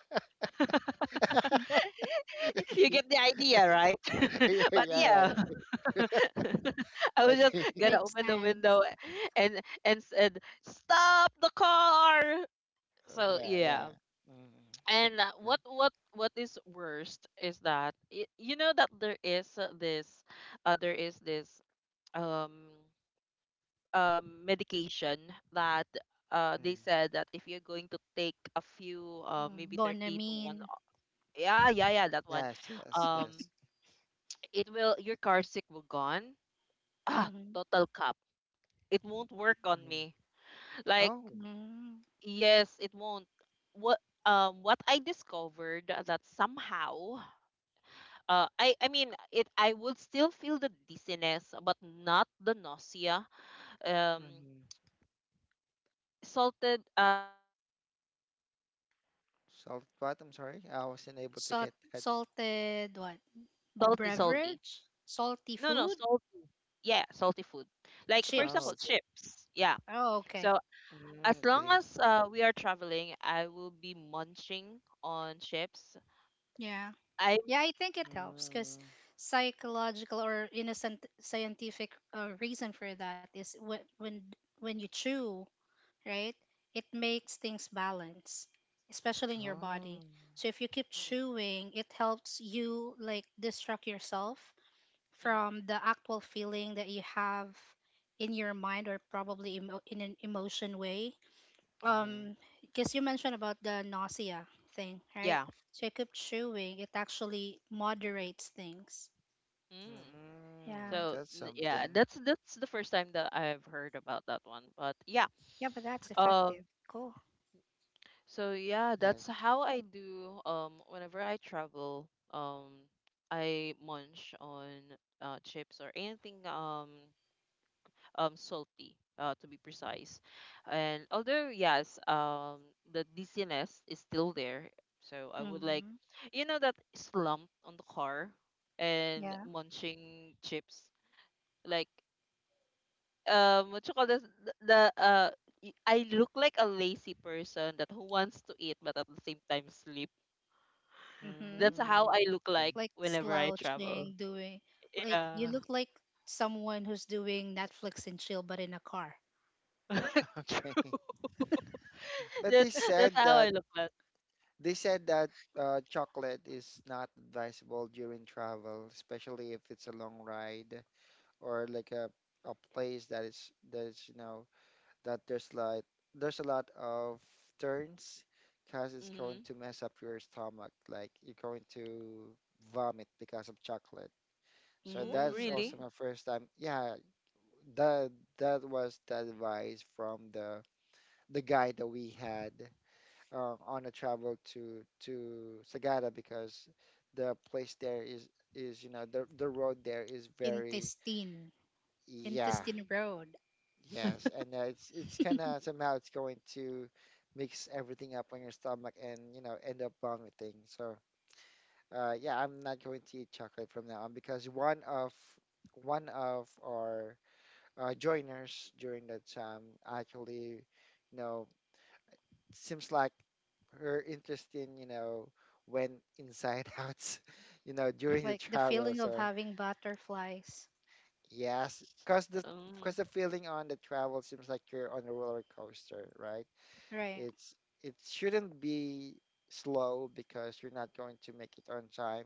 Speaker 3: <laughs>
Speaker 1: <laughs> you
Speaker 3: Okay.
Speaker 1: get the idea, right? <laughs>
Speaker 3: Yeah,
Speaker 1: But
Speaker 3: yeah, right.
Speaker 1: yeah, <laughs> I was just
Speaker 3: Okay. <laughs>
Speaker 1: gonna
Speaker 2: Makes
Speaker 1: open the
Speaker 2: sense.
Speaker 1: window and and said, "Stop the car!"
Speaker 3: Oh,
Speaker 1: So
Speaker 3: yeah, yeah.
Speaker 1: yeah,
Speaker 3: Mm,
Speaker 1: and uh,
Speaker 3: yeah.
Speaker 1: what what what is worst is that, y- you know, that there is, uh, this, uh, there is this um um, medication that, uh, they
Speaker 3: Mm.
Speaker 1: said that if you're going to take a few, uh,
Speaker 2: Mm-hmm.
Speaker 1: maybe thirty to one,
Speaker 2: Bonamine.
Speaker 1: o- yeah, yeah, yeah, that one,
Speaker 3: Yes, yes, yes.
Speaker 1: um, it will, your car sick will gone. Ah,
Speaker 2: Mm-hmm.
Speaker 1: total cup. It won't work on
Speaker 3: Mm.
Speaker 1: me. Like,
Speaker 3: Oh.
Speaker 2: Mm.
Speaker 1: yes, it won't. What, um, what I discovered, that somehow, uh, I, I mean, it, I would still feel the dizziness, but not the nausea. Um,
Speaker 3: Mm-hmm.
Speaker 1: salted uh Salty um food like
Speaker 3: Solved what? I'm
Speaker 1: chips.
Speaker 3: sorry, I wasn't able to
Speaker 2: Salt,
Speaker 3: get that.
Speaker 2: salted what?
Speaker 1: Salty, salty,
Speaker 3: Something.
Speaker 1: salty.
Speaker 2: Beverage, salty
Speaker 1: No, no,
Speaker 2: food,
Speaker 1: salty. Yeah, salty food, like, for example,
Speaker 3: Oh,
Speaker 2: chips.
Speaker 3: okay.
Speaker 1: chips. Yeah.
Speaker 2: Oh, okay.
Speaker 1: So as
Speaker 3: Mm,
Speaker 1: long
Speaker 3: okay.
Speaker 1: as uh, we are traveling, I will be munching on chips.
Speaker 2: Yeah.
Speaker 1: I
Speaker 2: Yeah, I think it helps because
Speaker 3: Mm.
Speaker 2: psychological or innocent scientific uh, reason for that is when when when you chew, right? It makes things balance, especially in your body.
Speaker 3: Oh.
Speaker 2: So if you keep
Speaker 1: Mm,
Speaker 2: chewing, it helps you like distract yourself
Speaker 1: mm,
Speaker 2: from the actual feeling that you have in your mind or probably emo- in an emotion way.
Speaker 3: Mhm.
Speaker 2: Um, because you mentioned about the nausea thing, right?
Speaker 1: yeah,
Speaker 2: So you keep chewing, it actually moderates things.
Speaker 1: mm.
Speaker 3: Mm,
Speaker 2: Yeah.
Speaker 1: So
Speaker 3: that's
Speaker 1: n- yeah,
Speaker 3: something.
Speaker 1: that's that's the first time that I've heard about that one, but yeah.
Speaker 2: Yeah, but that's
Speaker 1: um
Speaker 2: effective. Cool.
Speaker 1: So yeah, that's
Speaker 3: Yes.
Speaker 1: how I do. Um, whenever I travel, um, I munch on, uh, chips or anything, um, um salty, uh, to be precise. And although yes, um, the dizziness is still there, so I would like,
Speaker 2: Mm-hmm.
Speaker 1: you know, that slump on the car and
Speaker 2: Yeah.
Speaker 1: munching chips, like, um, what you call this? The, the uh. y- I look like a lazy person that who wants to eat but at the same time sleep.
Speaker 2: Mm-hmm.
Speaker 1: That's how I
Speaker 3: Mm.
Speaker 1: look
Speaker 3: Okay.
Speaker 1: like
Speaker 2: Like
Speaker 1: whenever I travel.
Speaker 2: slouching, doing like you
Speaker 1: Yeah.
Speaker 2: look like someone who's doing Netflix and chill, but in a car.
Speaker 1: <laughs>
Speaker 3: <laughs>
Speaker 1: True.
Speaker 3: Okay.
Speaker 1: <laughs>
Speaker 3: But they
Speaker 1: That's that's
Speaker 3: said
Speaker 1: how
Speaker 3: that
Speaker 1: I look like.
Speaker 3: they said that uh, chocolate is not advisable during travel, especially if it's a long ride or like a a place that is that is you know that there's like there's a lot of turns because it's going
Speaker 1: Mm-hmm.
Speaker 3: to mess up your stomach. Like you're going to vomit because of chocolate. So
Speaker 1: Oh,
Speaker 3: that's also
Speaker 1: really?
Speaker 2: Mm.
Speaker 3: my first time. Yeah, that that was the advice from the the guy that we had uh, on a travel to to Sagada because the place there is is you know the the road there is very
Speaker 2: Intestine,
Speaker 3: yeah.
Speaker 2: intestine
Speaker 1: Mm.
Speaker 2: road.
Speaker 3: Yes, and uh, it's it's kind
Speaker 2: <laughs>
Speaker 3: of somehow it's going to mix everything up on your stomach and you know end up vomiting. So uh, yeah, I'm not going to eat chocolate from now on because one of one of our uh, joiners during that time actually, you know, seems like her interest in you know went inside <laughs> out, you know, during the
Speaker 2: Like the
Speaker 3: travel.
Speaker 2: feeling of
Speaker 3: So
Speaker 2: having butterflies.
Speaker 3: yes, because the because
Speaker 1: Um,
Speaker 3: the feeling on the travel seems like you're on a roller coaster, right?
Speaker 2: Right.
Speaker 3: It's it shouldn't be slow because you're not going to make it on time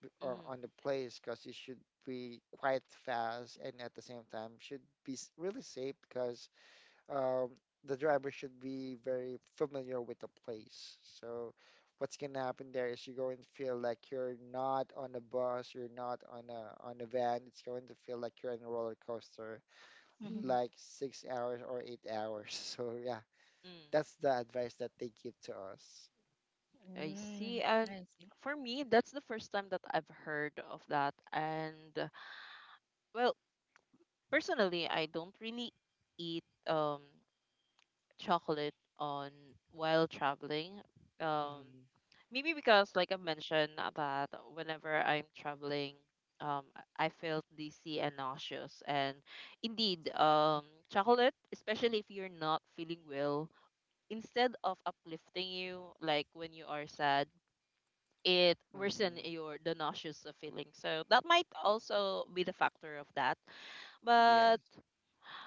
Speaker 3: b- or
Speaker 1: mm,
Speaker 3: on the place because it should be quite fast and at the same time should be s- really safe because um, the driver should be very familiar with the place. So what's gonna happen there is you're going to feel like you're not on a bus, you're not on a on a van. It's going to feel like you're on a roller coaster,
Speaker 2: Mm-hmm.
Speaker 3: like six hours or eight hours. <laughs> So yeah,
Speaker 1: mm.
Speaker 3: that's the advice that they give to us.
Speaker 1: I see.
Speaker 2: Mm,
Speaker 1: And
Speaker 2: I see.
Speaker 1: for me, that's the first time that I've heard of that. And uh, well, personally, I don't really eat um chocolate on while traveling. Um,
Speaker 3: Mm-hmm.
Speaker 1: Maybe because, like I mentioned, uh, that whenever I'm traveling, um, I I felt dizzy and nauseous. And indeed, um, chocolate, especially if you're not feeling well, instead of uplifting you, like when you are sad, it worsen
Speaker 3: Mm-hmm.
Speaker 1: your the nauseous uh, feeling. So that might also be the factor of that.
Speaker 3: Yeah.
Speaker 1: But
Speaker 3: <laughs>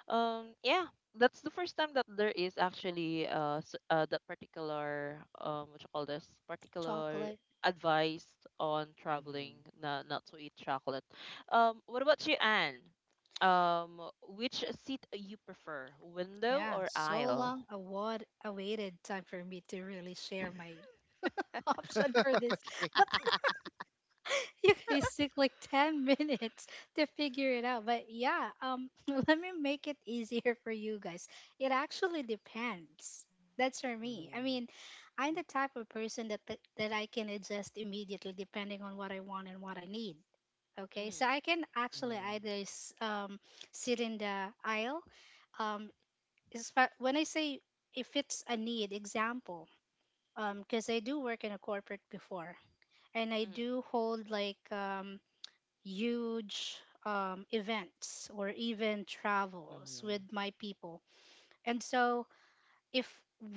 Speaker 1: um, yeah, that's the first time that there is actually, uh, s- uh that particular, um what you call this, particular
Speaker 2: Chocolate.
Speaker 1: advice on
Speaker 3: Mm-hmm.
Speaker 1: traveling, not not to eat chocolate. Um, what about you, Anne? Um, which seat you prefer, window
Speaker 2: Yeah.
Speaker 1: or
Speaker 2: So
Speaker 1: aisle?
Speaker 2: long a what awaited time for me to really share my <laughs> option for this.
Speaker 3: Okay.
Speaker 2: But. <laughs> You guys took like ten <laughs> minutes to figure it out, but yeah, um <laughs> let me make it easier for you guys. It actually depends. That's for me. I
Speaker 3: Mm-hmm.
Speaker 2: mean, I'm the type of person that that that I can adjust immediately depending on what I want and what I need. Okay, so I
Speaker 1: Mm-hmm,
Speaker 2: can actually
Speaker 3: Mm-hmm.
Speaker 2: either s- um, sit in the aisle. um, is fa- when I say, if it's a need, example, because I do work in a corporate before, and I
Speaker 1: mm-hmm,
Speaker 2: do hold like, um, huge um, events or even travels
Speaker 3: Mm-hmm.
Speaker 2: with my people. And so, if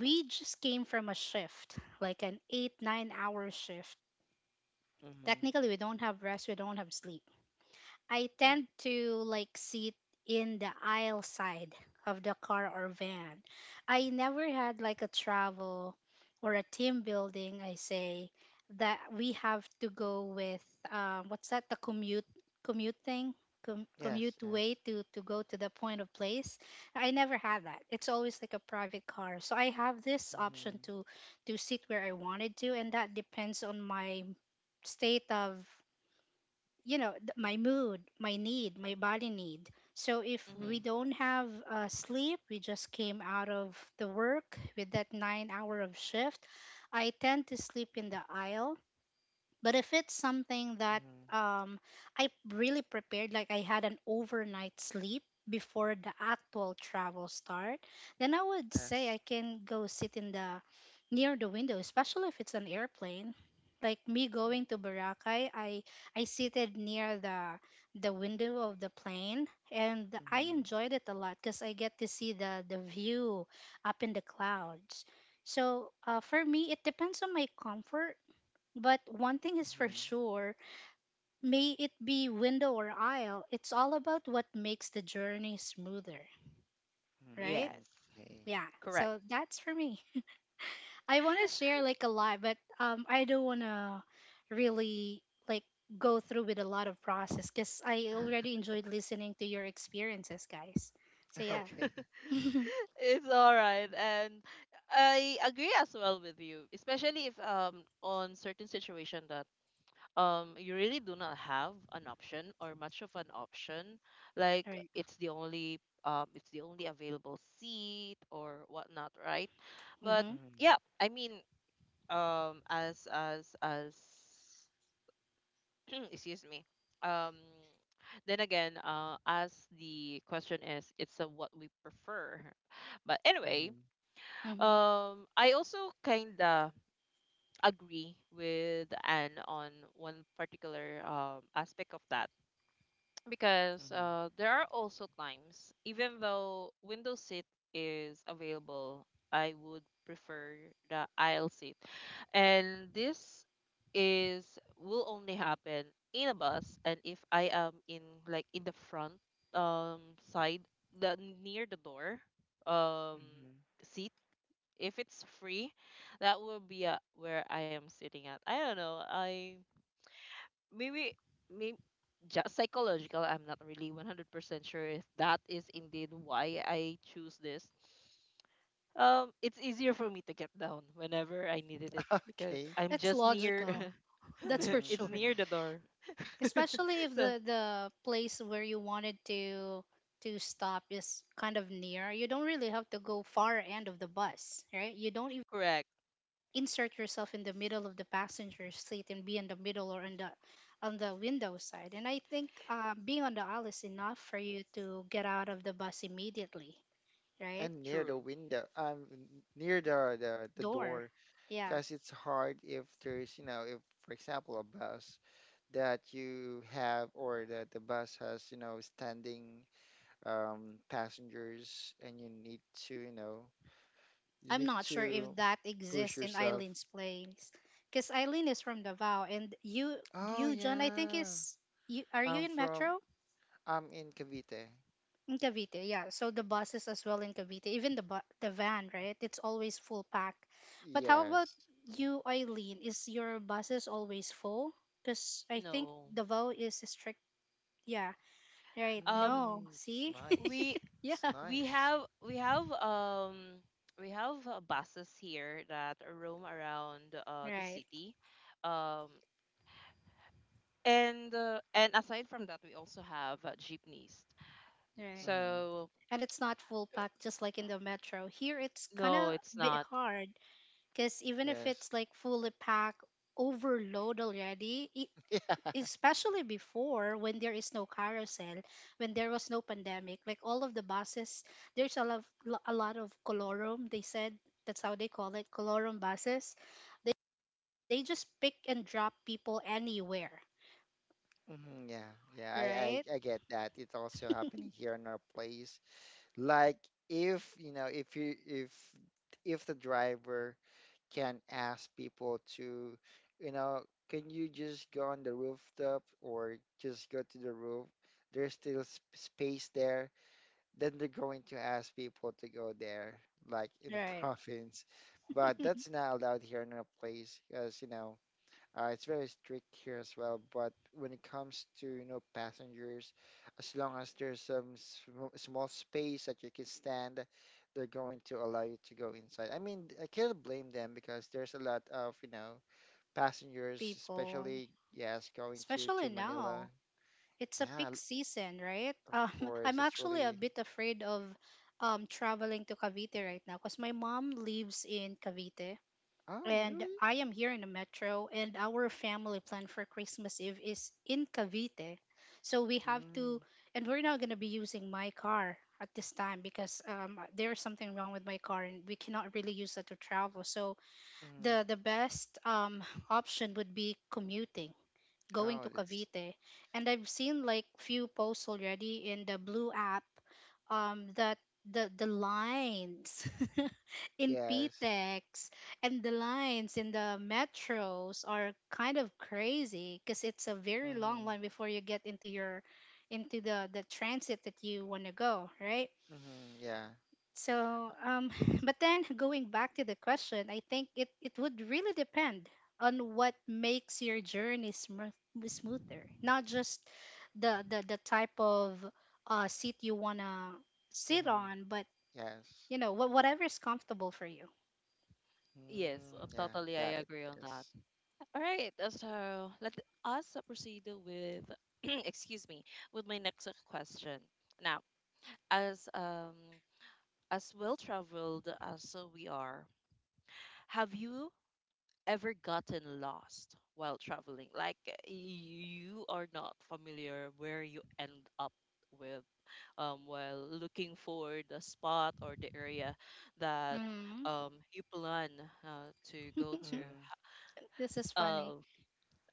Speaker 2: we just came from a shift, like an eight, nine hour shift,
Speaker 3: Mm-hmm.
Speaker 2: technically we don't have rest, we don't have sleep, I tend to like sit in the aisle side of the car or van. I never had like a travel or a team building, I say, that we have to go with, um, what's that, the commute commute thing? Com-
Speaker 3: Yes,
Speaker 2: commute
Speaker 3: yes.
Speaker 2: way to to go to the point of place. I never had that. It's always like a private car, so I have this
Speaker 3: Mm-hmm.
Speaker 2: option to to sit where I wanted to, and that depends on my state of, you know, th- my mood, my need, my body need. So if
Speaker 3: Mm-hmm.
Speaker 1: mm-hmm,
Speaker 2: we don't have uh, sleep, we just came out of the work with that nine hour of shift, I tend to sleep in the aisle. But if it's something that,
Speaker 3: Mm-hmm.
Speaker 2: um, I really prepared, like I had an overnight sleep before the actual travel start, then I would say
Speaker 3: Yes.
Speaker 2: I can go sit in the near the window, especially if it's an airplane. Like me going to
Speaker 1: mm-hmm.
Speaker 2: Boracay, I I seated near the the window of the plane, and I
Speaker 3: Mm-hmm.
Speaker 2: enjoyed it a lot because I get to see the the view up in the clouds. So uh, for me, it depends on my comfort. But one thing is for
Speaker 3: Mm-hmm.
Speaker 2: sure, may it be window or aisle, it's all about what makes the journey smoother, right?
Speaker 3: Mm-hmm.
Speaker 1: Yes,
Speaker 2: Yeah.
Speaker 1: correct.
Speaker 2: So that's for me. I want to share like a lot, but um, I don't want to really like go through with a lot of process because I already enjoyed listening to your experiences, guys. So yeah,
Speaker 3: Okay. <laughs> Okay.
Speaker 1: <laughs>
Speaker 2: <laughs> all
Speaker 1: It's all right. And I agree as well with you, especially if, um on certain situation, that um you really do not have an option or much of an option, like
Speaker 2: right.
Speaker 1: it's the only, um it's the only available seat or whatnot, right? But
Speaker 2: Mm-hmm.
Speaker 3: Mm-hmm.
Speaker 1: yeah, I mean, um as as as <clears throat> excuse me. um then again, uh as the question is, it's, uh, what we prefer. But anyway,
Speaker 3: Mm-hmm.
Speaker 2: Mm-hmm.
Speaker 1: um I also kind of agree with anne on one particular, um aspect of that, because
Speaker 3: Mm-hmm.
Speaker 1: uh there are also times even though window seat is available, I would prefer the aisle seat. And this is will only happen in a bus. And if I am in, like, in the front, um side, the near the door, um
Speaker 3: Mm-hmm.
Speaker 1: seat, if it's free, that will be, uh, where I am sitting at. I don't know. I Maybe, maybe just psychological. I'm not really one hundred percent sure if that is indeed why I choose this. Um, it's easier for me to get down whenever I needed it,
Speaker 3: <laughs>
Speaker 1: because
Speaker 3: Okay.
Speaker 1: I'm
Speaker 2: It's
Speaker 1: just near.
Speaker 2: logical, that's for
Speaker 1: <laughs>
Speaker 3: Mm-hmm.
Speaker 1: It's
Speaker 2: sure.
Speaker 3: Mm-hmm.
Speaker 1: near the door. <laughs>
Speaker 2: Especially if
Speaker 1: So,
Speaker 2: the the place where you wanted to to stop is kind of near, you don't really have to go far end of the bus, right? You don't
Speaker 1: correct,
Speaker 2: insert yourself in the middle of the passenger seat and be in the middle or on the on the window side. And I think uh, being on the aisle is enough for you to get out of the bus immediately, right?
Speaker 3: And near the
Speaker 1: true.
Speaker 3: window, um, n- near the, the the
Speaker 2: Door.
Speaker 3: door,
Speaker 2: Yeah.
Speaker 3: because it's hard if there's, you know, if, for example, a bus that you have or that the bus has, you know, standing um, passengers and you need to, you know, you
Speaker 2: I'm
Speaker 3: need
Speaker 2: not sure if
Speaker 3: to
Speaker 2: that
Speaker 3: push
Speaker 2: exists in
Speaker 3: yourself.
Speaker 2: Eileen's place. Because Eileen is from Davao, and you
Speaker 3: Oh,
Speaker 2: you John, I think,
Speaker 3: yeah.
Speaker 2: is you are you
Speaker 3: I'm
Speaker 2: in
Speaker 3: from,
Speaker 2: Metro?
Speaker 3: I'm in Cavite.
Speaker 2: In Cavite, yeah. So the buses as well in Cavite, even the bu- the van, right? It's always full pack. But how about
Speaker 3: Yes.
Speaker 2: you, Eileen? Is your buses always full? Because I think
Speaker 1: No.
Speaker 2: Davao is strict. Yeah, right.
Speaker 1: Um,
Speaker 2: No,
Speaker 3: Mm, it's
Speaker 2: see?
Speaker 3: nice.
Speaker 1: we
Speaker 2: <laughs>
Speaker 3: It's
Speaker 2: Yeah,
Speaker 1: we
Speaker 3: nice.
Speaker 1: have we have um we have uh, buses here that roam around uh the
Speaker 2: right,
Speaker 1: city, um and uh, and aside from that, we also have uh, jeepneys.
Speaker 2: right.
Speaker 3: Mm,
Speaker 1: So
Speaker 2: And it's not full pack, just like in the metro. Here, it's kind of
Speaker 1: no,
Speaker 2: a
Speaker 1: it's
Speaker 2: bit
Speaker 1: not.
Speaker 2: hard because even if it's
Speaker 3: yes.
Speaker 2: like fully packed, overload already, i-
Speaker 3: <laughs>
Speaker 2: especially before when there is no carousel, when there was no pandemic, like all of the buses, there's a lot a lot of colorum, they said, that's how they call it, colorum buses, they they just pick and drop people anywhere,
Speaker 3: Yeah. Hmm, yeah. Yeah. I,
Speaker 2: right,
Speaker 3: I, I get that. It's also happening here in our place. Like if, you know, if you if if the driver can ask people to, you know, can you just go on the rooftop or just go to the roof? There's still sp- space there. Then they're going to ask people to go there, like in the <laughs>
Speaker 2: right.
Speaker 3: province. But that's not allowed here in our place, because you know, uh, it's very strict here as well, but when it comes to, you know, passengers, as long as there's some sm small space that you can stand, they're going to allow you to go inside. I mean, I can't blame them because there's a lot of, you know, passengers,
Speaker 2: People,
Speaker 3: especially, yes, going to
Speaker 2: especially
Speaker 3: to Manila.
Speaker 2: now, it's a
Speaker 3: Yeah,
Speaker 2: peak
Speaker 3: l-
Speaker 2: season, right?
Speaker 3: of
Speaker 2: um <laughs> I'm
Speaker 3: course, it's
Speaker 2: actually a
Speaker 3: really.
Speaker 2: bit afraid of um traveling to Cavite right now because my mom lives in Cavite,
Speaker 3: Oh,
Speaker 2: and
Speaker 3: really?
Speaker 2: I am here in the metro, and our family plan for Christmas Eve is in Cavite. So we have to,
Speaker 3: Mm,
Speaker 2: and we're not going to be using my car at this time because, um, there's something wrong with my car, and we cannot really use it to travel. So
Speaker 3: mm.
Speaker 2: the the best um, <laughs> option would be commuting going
Speaker 3: Oh,
Speaker 2: to
Speaker 3: it's
Speaker 2: Cavite, and I've seen like few posts already in the Blue app um that the the lines <laughs> in
Speaker 3: yes.
Speaker 2: P T E X, and the lines in the metros are kind of crazy because it's a very long
Speaker 3: Mm-hmm.
Speaker 2: line before you get into your into the the transit that you want to go, right?
Speaker 3: Mm-hmm. Yeah.
Speaker 2: So, um, <laughs>
Speaker 3: It's
Speaker 2: but then going back to the question, I think it, it would really depend on what makes your journey smooth, smoother, not just the, the, the type of uh, seat you want to sit
Speaker 3: mm-hmm.
Speaker 2: on, but
Speaker 3: Yes.
Speaker 2: you know, wh- whatever is comfortable for you.
Speaker 1: Yes, uh,
Speaker 3: Mm, yeah,
Speaker 1: totally
Speaker 3: got
Speaker 1: I
Speaker 3: it.
Speaker 1: agree on that.
Speaker 3: Yes.
Speaker 1: All right, uh, so let us proceed with, <clears throat> excuse me, with my next question. Now, as um as well traveled as we are, have you ever gotten lost while traveling? Like, uh, you are not familiar where you end up with, um while looking for the spot or the area that
Speaker 2: Mm,
Speaker 1: um you plan uh, to go to.
Speaker 3: Mm-hmm.
Speaker 2: this is funny.
Speaker 1: Uh,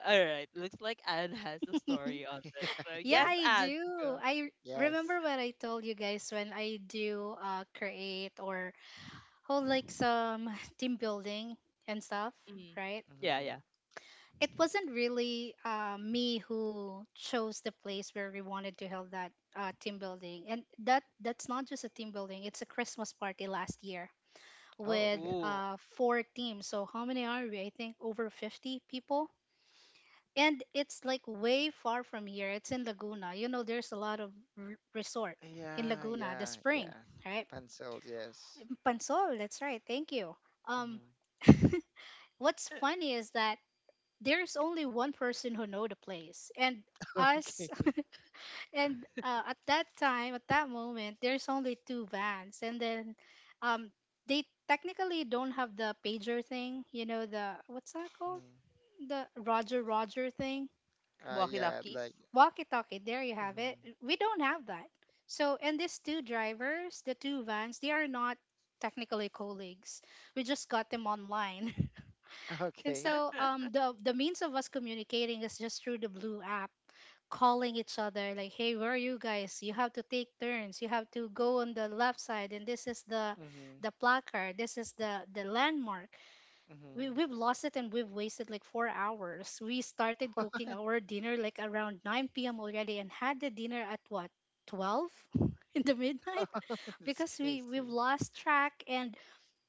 Speaker 1: All right. Looks like Anne has a story
Speaker 2: <laughs>
Speaker 1: on this. So,
Speaker 3: <laughs> Yeah.
Speaker 2: Yeah,
Speaker 1: yes,
Speaker 2: I
Speaker 1: Anne. Go.
Speaker 2: do. I
Speaker 3: Yes.
Speaker 2: remember what I told you guys when I do uh, create or hold like some <laughs> team building and stuff,
Speaker 1: Mhm.
Speaker 2: right?
Speaker 1: Yeah,
Speaker 3: Mm-hmm.
Speaker 1: yeah.
Speaker 2: It wasn't really uh, me who chose the place where we wanted to hold that uh, team building, and that that's not just a team building, it's a Christmas party last year
Speaker 3: Oh,
Speaker 2: with
Speaker 3: okay.
Speaker 1: Ooh.
Speaker 2: uh, four teams. So how many are we? I think over fifty people. And it's like way far from here, it's in Laguna. You know, there's a lot of r- resort in
Speaker 3: Yeah,
Speaker 2: Laguna. The
Speaker 3: yeah,
Speaker 2: spring,
Speaker 3: yeah.
Speaker 2: right?
Speaker 3: Pencils, yes.
Speaker 2: Pansol, that's right, thank you. um
Speaker 3: Mm-hmm.
Speaker 2: <laughs> what's
Speaker 1: <laughs>
Speaker 2: funny is that there's only one person who know the place, and
Speaker 3: <laughs>
Speaker 2: us.
Speaker 3: Okay.
Speaker 2: <laughs> And uh, at that time, at that moment, there's only two vans. And then um they technically don't have the pager thing, you know, the what's that called,
Speaker 3: Mm-hmm.
Speaker 2: the roger roger thing.
Speaker 3: Uh,
Speaker 1: Walkie
Speaker 3: yeah,
Speaker 1: talkies.
Speaker 3: like,
Speaker 2: Walkie talkie, there you have it.
Speaker 3: mm-hmm.
Speaker 2: We don't have that. So, and these two drivers, the two vans, they are not technically colleagues, we just got them online.
Speaker 3: <laughs>
Speaker 2: <laughs> And
Speaker 3: Okay.
Speaker 2: so, um the the means of us communicating is just through the Blue app, calling each other like, hey, where are you guys, you have to take turns, you have to go on the left side, and this is the
Speaker 3: Mm-hmm.
Speaker 2: the placard, this is the the landmark.
Speaker 3: Mm-hmm.
Speaker 2: We, we've lost it, and we've wasted like four hours. We started cooking our dinner like around 9 p.m. already, and had the dinner at what, twelve, <laughs> in the midnight,
Speaker 3: <laughs> That's
Speaker 2: because we we've
Speaker 3: crazy.
Speaker 2: lost track. And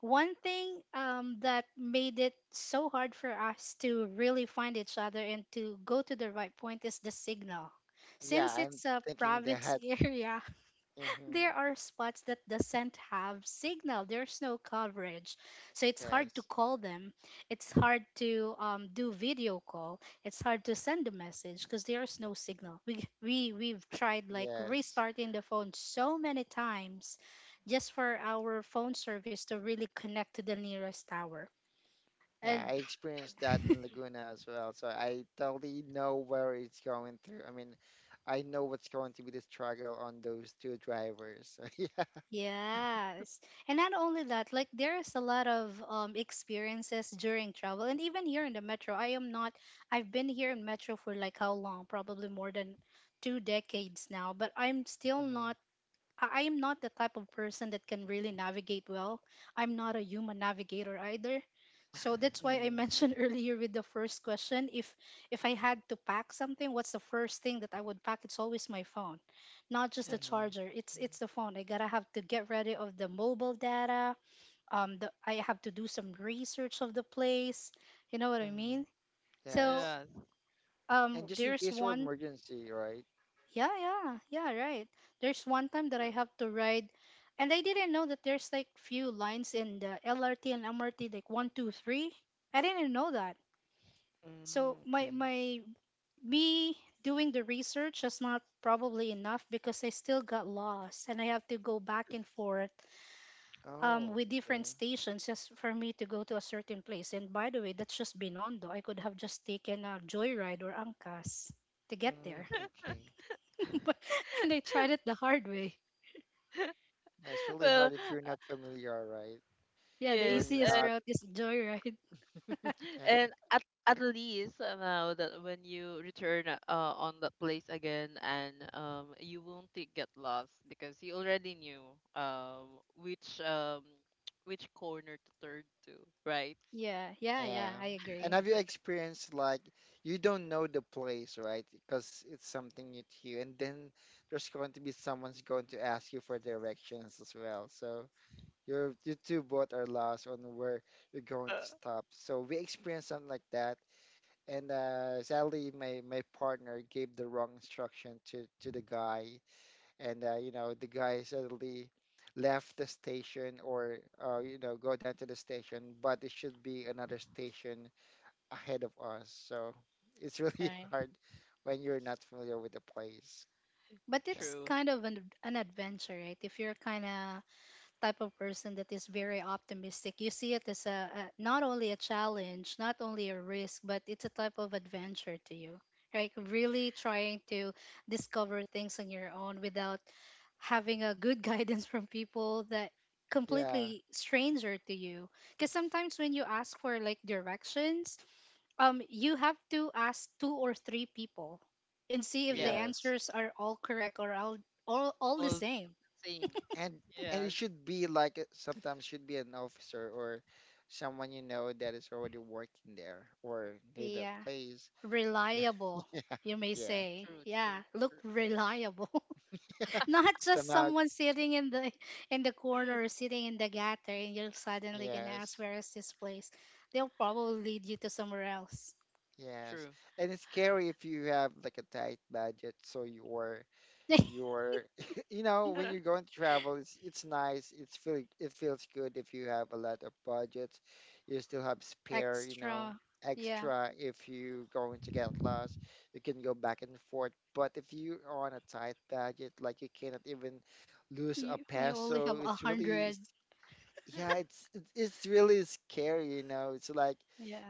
Speaker 2: one thing, um, that made it so hard for us to really find each other and to go to the right point, is the signal.
Speaker 3: Yeah,
Speaker 2: Since
Speaker 3: I'm
Speaker 2: it's a
Speaker 3: thinking
Speaker 2: province
Speaker 3: that.
Speaker 2: <laughs> area,
Speaker 3: Mm-hmm.
Speaker 2: there are spots that doesn't have signal. There's no coverage, so it's hard to
Speaker 3: Yes.
Speaker 2: call them. It's hard to um, do video call. It's hard to send a message because there's no signal. We we we've tried like
Speaker 3: Yes.
Speaker 2: restarting the phone so many times, just for our phone service to really connect to the nearest tower. And
Speaker 3: Yeah, I experienced that in Laguna as well. So I totally know where it's going through. I mean, I know what's going to be the struggle on those two drivers. <laughs> So yeah.
Speaker 2: yes. And not only that, like there's a lot of um experiences during travel, and even here in the metro. I am not I've been here in metro for like how long? Probably more than two decades now, but I'm still
Speaker 3: Mhm.
Speaker 2: not. I I am not the type of person that can really navigate well. I'm not a human navigator either. So that's why I
Speaker 3: Mhm.
Speaker 2: mentioned <laughs> earlier with the first question, if if I had to pack something, what's the first thing that I would pack? It's always my phone. Not just the
Speaker 1: <laughs>
Speaker 3: Mhm.
Speaker 2: charger. It's it's the phone. I gotta have to get ready of the mobile data. Um the, I have to do some research of the place. You know what I
Speaker 3: Mhm.
Speaker 2: mean? So
Speaker 3: Yes.
Speaker 1: Yes,
Speaker 2: um
Speaker 3: And just in
Speaker 2: there's
Speaker 3: case for
Speaker 2: one,
Speaker 3: emergency, right?
Speaker 2: yeah, yeah, yeah, right. There's one time that I
Speaker 1: true.
Speaker 2: have to ride, and I didn't know that there's like few lines in the L R T and M R T, like one, two, three. I didn't know that.
Speaker 3: Mm,
Speaker 2: So my
Speaker 3: okay.
Speaker 2: my me doing the research is not probably enough, because I still got lost, and I have to go back and forth um
Speaker 3: Oh,
Speaker 2: with different
Speaker 3: okay.
Speaker 2: stations just for me to go to a certain place. And by the way, that's just Binondo. I could have just taken a joyride or Angkas to get
Speaker 3: Mm,
Speaker 2: there,
Speaker 3: okay.
Speaker 2: <laughs> but, and I tried it the hard way.
Speaker 3: That's really hard
Speaker 1: Well,
Speaker 3: if you're not familiar, right?
Speaker 2: Yeah, the
Speaker 3: You're
Speaker 1: yes,
Speaker 2: easiest
Speaker 1: and
Speaker 3: not.
Speaker 2: route is joyride.
Speaker 3: <laughs>
Speaker 1: and at at least, uh, now that when you return, uh, on that place again, and um, you won't t- get lost because you already knew, um which um <tsk> which corner to turn to, right?
Speaker 2: Yeah, yeah,
Speaker 3: Yeah.
Speaker 2: yeah, I
Speaker 3: And
Speaker 2: agree.
Speaker 3: have you experienced like you don't know the place, right? Because it's something new to you. And then there's going to be someone's going to ask you for directions as well. So you're you two both are lost on where you're going to
Speaker 1: Uh,
Speaker 3: stop. So we experienced something like that. And uh, sadly, my my partner gave the wrong instruction to to the guy, and uh, you know the guy suddenly left the station or uh, you know go down to the station, but it should be another station ahead of us. So it's really <laughs>
Speaker 2: Right.
Speaker 3: hard when you're not familiar with the place.
Speaker 2: But
Speaker 3: Yeah.
Speaker 2: it's
Speaker 1: True.
Speaker 2: kind of an, an adventure, right? If you're kind of type of person that is very optimistic, you see it as a, a not only a challenge, not only a risk, but it's a type of adventure to you. Right? Really trying to discover things on your own without having a good <laughs> guidance from people that
Speaker 3: Yeah.
Speaker 2: completely stranger to you. Because sometimes when you ask for like directions, Um, you have to ask two or three people and see if the
Speaker 1: Yeah.
Speaker 3: Yes.
Speaker 2: answers are all correct, or all all, all the
Speaker 1: All the
Speaker 2: same.
Speaker 1: same.
Speaker 3: And and
Speaker 1: Yes,
Speaker 3: it should be like uh, sometimes should be an officer or someone you know that is already working there or near the
Speaker 2: Yeah,
Speaker 3: place.
Speaker 2: reliable, you
Speaker 3: <laughs>
Speaker 2: may
Speaker 3: Yeah.
Speaker 2: say.
Speaker 1: true, true,
Speaker 2: Yeah, look reliable. <laughs>
Speaker 3: <laughs>
Speaker 2: Not just
Speaker 3: Somehow,
Speaker 2: someone sitting in the in the corner or sitting in the gutter, and you're suddenly gonna ask
Speaker 3: yes.
Speaker 2: where is this place. They'll probably lead you to somewhere else.
Speaker 3: Yes.
Speaker 1: true,
Speaker 3: And it's scary if you have like a tight budget, so your
Speaker 2: <laughs>
Speaker 3: your <laughs> you know
Speaker 1: true.
Speaker 3: when
Speaker 1: <laughs>
Speaker 3: you're going to travel it's it's nice it's feel it feels good if you have a lot of budgets you still have spare you know
Speaker 2: Extra. Yeah.
Speaker 3: extra if you going to get lost you can go back and forth but if you are on a tight budget like you cannot even lose a
Speaker 2: You, you only
Speaker 3: peso
Speaker 2: have a
Speaker 3: it's really
Speaker 2: hundred.
Speaker 3: yeah, it's it's it's really scary, you know. It's like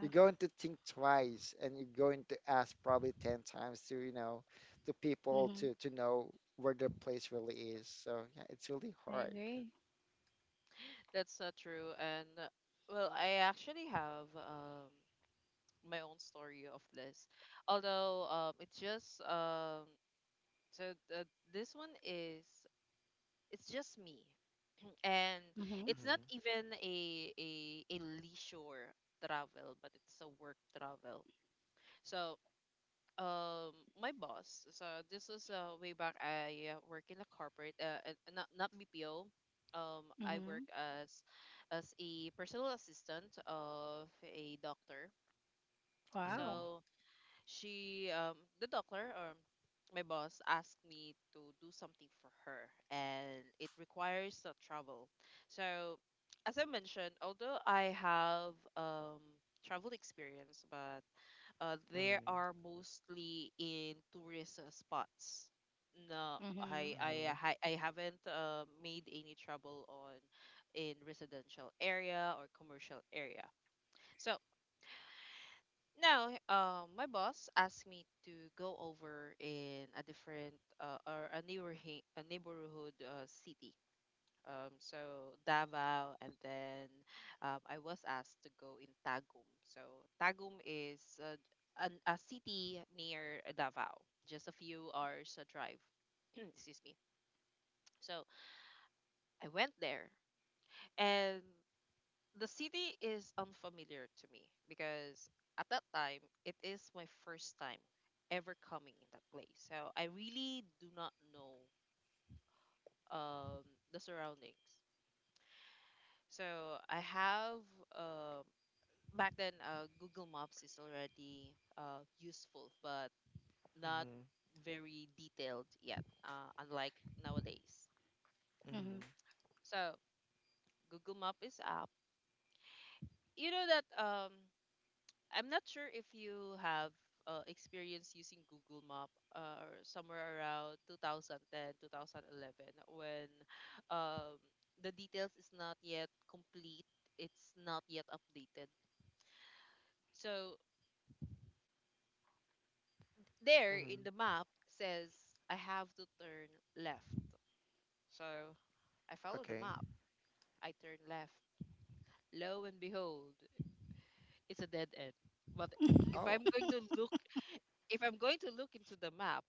Speaker 3: you're going to think twice and you're going to ask probably ten times to, you know, to people
Speaker 2: Mm-hmm.
Speaker 3: to to know where the place really is. So, yeah, it's really
Speaker 2: I
Speaker 3: hard.
Speaker 2: agree.
Speaker 1: That's not true. And uh, well, I actually have, um my own story of this. Although, um it's just, um so, uh, this one is it's just me. And
Speaker 2: Mm-hmm.
Speaker 1: it's not
Speaker 3: Mm-hmm.
Speaker 1: even a a a leisure travel, but it's a work travel. So um my boss. So this was, uh, way back, I uh, work in a corporate, uh, uh, not, not B P O. um I work
Speaker 2: Mm-hmm.
Speaker 1: as as a personal assistant of a doctor.
Speaker 3: Mm-hmm.
Speaker 2: Wow.
Speaker 1: So, she um the doctor, um my boss asked me to do something for her, and it requires, uh, travel. So as I mentioned, although I have, um travel experience, but uh, they are mostly in tourist, uh, spots. No,
Speaker 2: Mm-hmm.
Speaker 1: I I
Speaker 3: Mm-hmm.
Speaker 1: ha- I haven't, uh, made any trouble, on in residential area or commercial area. So now, uh, my boss asked me to go over in a different, uh, or a neighborhood a neighborhood, uh, city, um, so Davao, and then, um, I was asked to go in Tagum. So Tagum is a, an, a city near Davao, just a few hours a drive. <clears throat> Excuse me. So I went there, and the city is unfamiliar to me because at that time it is my first time ever coming in that place. So I really do not know um, the surroundings. So I have um, back then uh, Google Maps is already uh, useful, but not
Speaker 3: Mm-hmm.
Speaker 1: very detailed yet, uh, unlike nowadays.
Speaker 2: Mm-hmm.
Speaker 3: Mm-hmm.
Speaker 1: So Google Map is up. You know that um, I'm not sure if you have uh, experience using Google Map uh, or somewhere around two thousand ten, two thousand eleven when um, the details is not yet complete. It's not yet updated. So there in the
Speaker 3: Mm-hmm.
Speaker 1: map says I have to turn left. So I follow the
Speaker 3: Okay.
Speaker 1: map. I turn left. Lo and behold, it's a dead end. But if
Speaker 3: Oh,
Speaker 1: I'm going to look if I'm going to look into the map,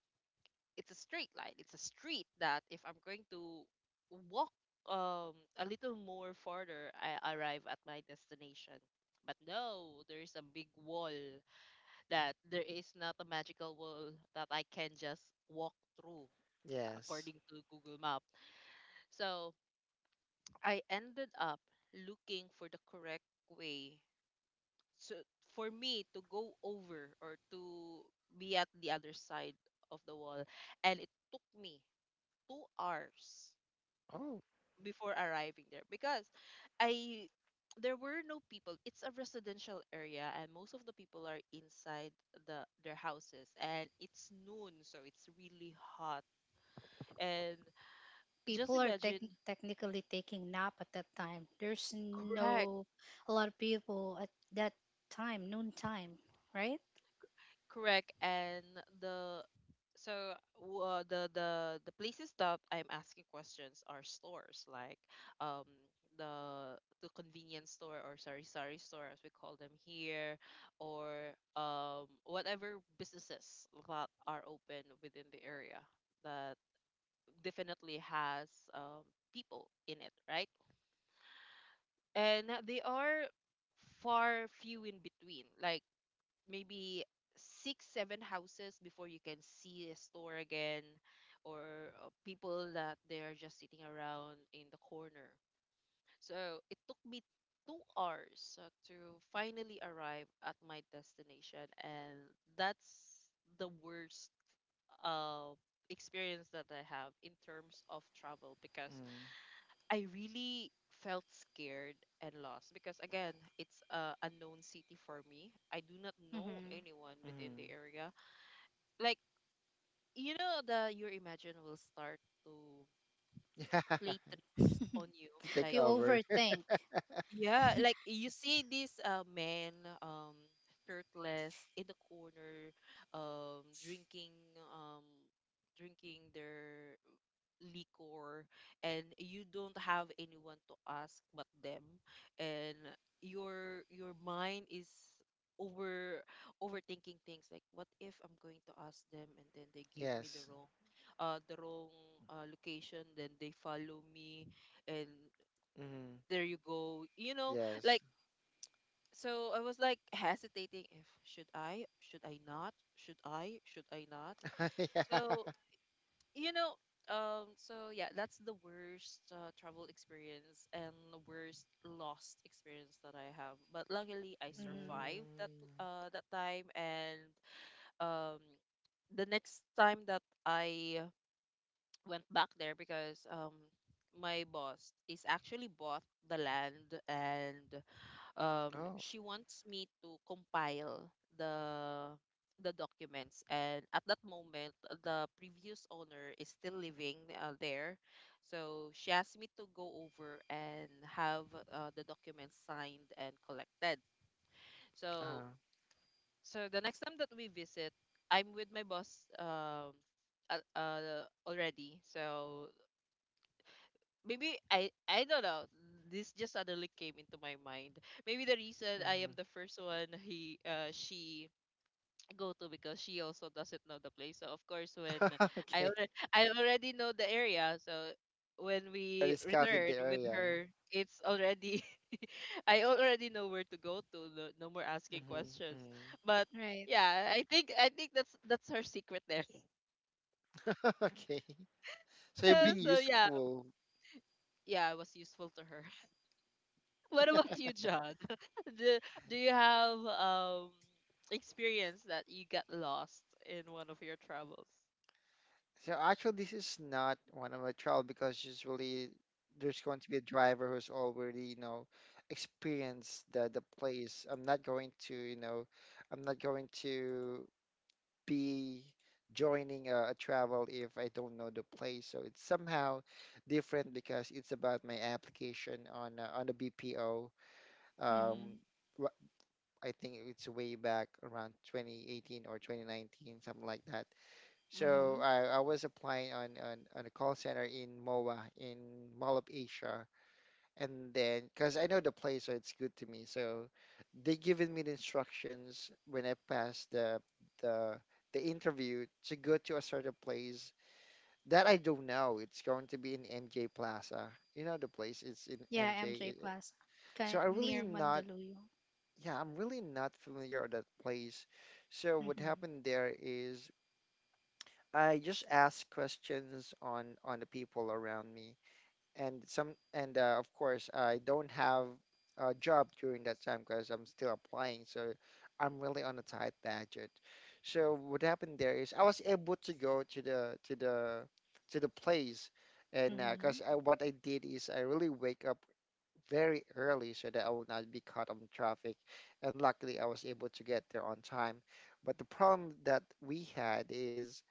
Speaker 1: it's a straight line. It's a street that if I'm going to walk um a little more farther, I arrive at my destination. But no, there is a big wall that there is not a magical wall that I can just walk through,
Speaker 3: yes.
Speaker 1: according to Google Map. So I ended up looking for the correct way so for me to go over or to be at the other side of the wall, and it took me two hours
Speaker 3: Oh.
Speaker 1: before arriving there because I there were no people. It's a residential area and most of the people are inside the their houses, and it's noon so it's really hot and
Speaker 2: <laughs>
Speaker 1: just
Speaker 2: People are tech
Speaker 1: imagine
Speaker 2: technically taking nap at that time. There's
Speaker 1: correct.
Speaker 2: no a lot of people at that time, noon time, right?
Speaker 1: Correct. And the so w- uh, the the the places that I'm asking questions are stores like um the the convenience store or sorry sorry store as we call them here, or um whatever businesses that are open within the area that definitely has um people in it, right? And they are far few in between. Like maybe six seven houses before you can see a store again, or uh, people that they are just sitting around in the corner. So it took me two hours uh, to finally arrive at my destination, and that's the worst uh, experience that I have in terms of travel because
Speaker 3: Mm-hmm.
Speaker 1: I really felt scared and lost because, again, it's a unknown city for me. I do not know
Speaker 2: Mm-hmm.
Speaker 1: anyone within
Speaker 3: Mm-hmm.
Speaker 1: the area. Like, you know, the your imagination will start to
Speaker 3: Yeah,
Speaker 1: play
Speaker 3: <laughs>
Speaker 1: tricks on you.
Speaker 3: to take
Speaker 1: Like
Speaker 2: You
Speaker 3: over. <laughs>
Speaker 2: overthink.
Speaker 1: yeah, like you see this uh, man um shirtless in the corner, um drinking um drinking their liquor, and you don't have anyone to ask but them, and your your mind is over overthinking things like, what if I'm going to ask them and then they give me the
Speaker 3: Yes.
Speaker 1: wrong uh the wrong uh, location, then they follow me, and
Speaker 3: Mm-hmm.
Speaker 1: there you go, you know? Like,
Speaker 3: Yes.
Speaker 1: so I was like hesitating, if should I should I not, should I should I not.
Speaker 3: <laughs> Yeah.
Speaker 1: So, you know, um so yeah, that's the worst uh, travel experience and the worst lost experience that I have, but luckily I
Speaker 2: Mm-hmm.
Speaker 1: survived that
Speaker 3: Mm.
Speaker 1: uh that time. And um the next time that I went back there, because um my boss is actually bought the land, and um
Speaker 3: Oh,
Speaker 1: she wants me to compile the the documents, and at that moment the previous owner is still living uh, there, so she asked me to go over and have uh, the documents signed and collected. So
Speaker 3: uh,
Speaker 1: so the next time that we visit, I'm with my boss um uh, uh, already. So maybe I I don't know. This just suddenly came into my mind. Maybe the reason I
Speaker 3: mhm.
Speaker 1: am the first one he uh she go to because she also doesn't know the place. So of course when
Speaker 3: <laughs>
Speaker 1: I
Speaker 3: Okay.
Speaker 1: already I already know the area, so when we
Speaker 3: Already scouted
Speaker 1: return
Speaker 3: the
Speaker 1: with
Speaker 3: area.
Speaker 1: her, it's already <laughs> I already know where to go to. No, no more asking questions.
Speaker 3: Hmm.
Speaker 1: But
Speaker 2: Right.
Speaker 1: yeah, I think I think that's that's her secret there. <laughs>
Speaker 3: <laughs> Okay. So you've
Speaker 1: Uh,
Speaker 3: been
Speaker 1: so yeah,
Speaker 3: useful.
Speaker 1: yeah, it was useful to her. What about you, John? <laughs> Do, do you have um experience that you got lost in one of your travels?
Speaker 3: So actually, this is not one of my trial because usually there's going to be a driver who's already, you know, experienced the the place. I'm not going to, you know, I'm not going to be joining a, a travel if I don't know the place. So it's somehow different because it's about my application on uh, on the B P O.
Speaker 1: Mm-hmm.
Speaker 2: Mm-hmm.
Speaker 3: um, wh- I think it's way back around twenty eighteen or twenty nineteen, something like that.
Speaker 2: Mm-hmm.
Speaker 3: So I, I was applying on, on, on a call center in M O A, in Mall of Asia. And then, because I know the place, so it's good to me. So they given me the instructions when I passed the, the, the interview to go to a certain place that I don't know. It's going to be in M J Plaza. You know, the place is in
Speaker 2: Yeah,
Speaker 3: M J.
Speaker 2: M J
Speaker 3: It- it-
Speaker 2: Plaza,
Speaker 3: So
Speaker 2: kind
Speaker 3: I really
Speaker 2: near
Speaker 3: not
Speaker 2: Mandaluyong.
Speaker 3: yeah, I'm really not familiar with that place. So what
Speaker 2: Mm-hmm.
Speaker 3: happened there is I just asked questions on on the people around me and some and uh, of course I don't have a job during that time because I'm still applying, so I'm really on a tight budget. So what happened there is I was able to go to the to the to the place, and
Speaker 2: Mm-hmm.
Speaker 3: because I, what I did is I really wake up very early so that I will not be caught on traffic. And luckily, I was able to get there on time. But the problem that we had is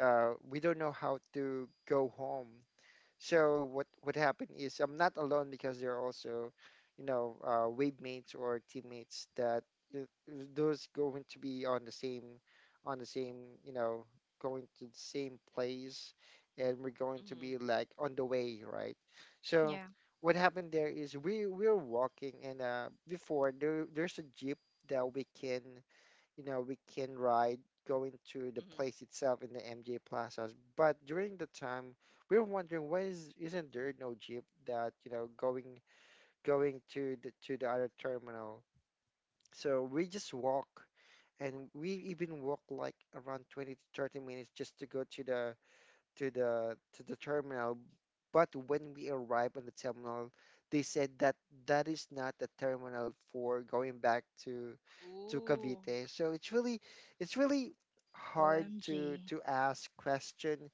Speaker 3: uh, we don't know how to go home. So what what happened is I'm not alone because there are also, you know, uh, wave mates or teammates that uh, those going to be on the same, on the same, you know, going to the same place, and we're going to
Speaker 1: Mm-hmm.
Speaker 3: be like on the way, right? So
Speaker 2: Yeah.
Speaker 3: what happened there is we we're walking and uh, before there there's a jeep that we can you know, we can ride going to the
Speaker 1: Mm-hmm.
Speaker 3: place itself in the M J Plazas. But during the time, we were wondering why is isn't there no jeep that, you know, going going to the to the other terminal. So we just walk and we even walk like around twenty to thirty minutes just to go to the to the to the terminal. But when we arrived on the terminal, they said that that is not the terminal for going back to to
Speaker 1: Ooh.
Speaker 3: Cavite. So it's really it's really hard to
Speaker 2: O M G.
Speaker 3: to ask question.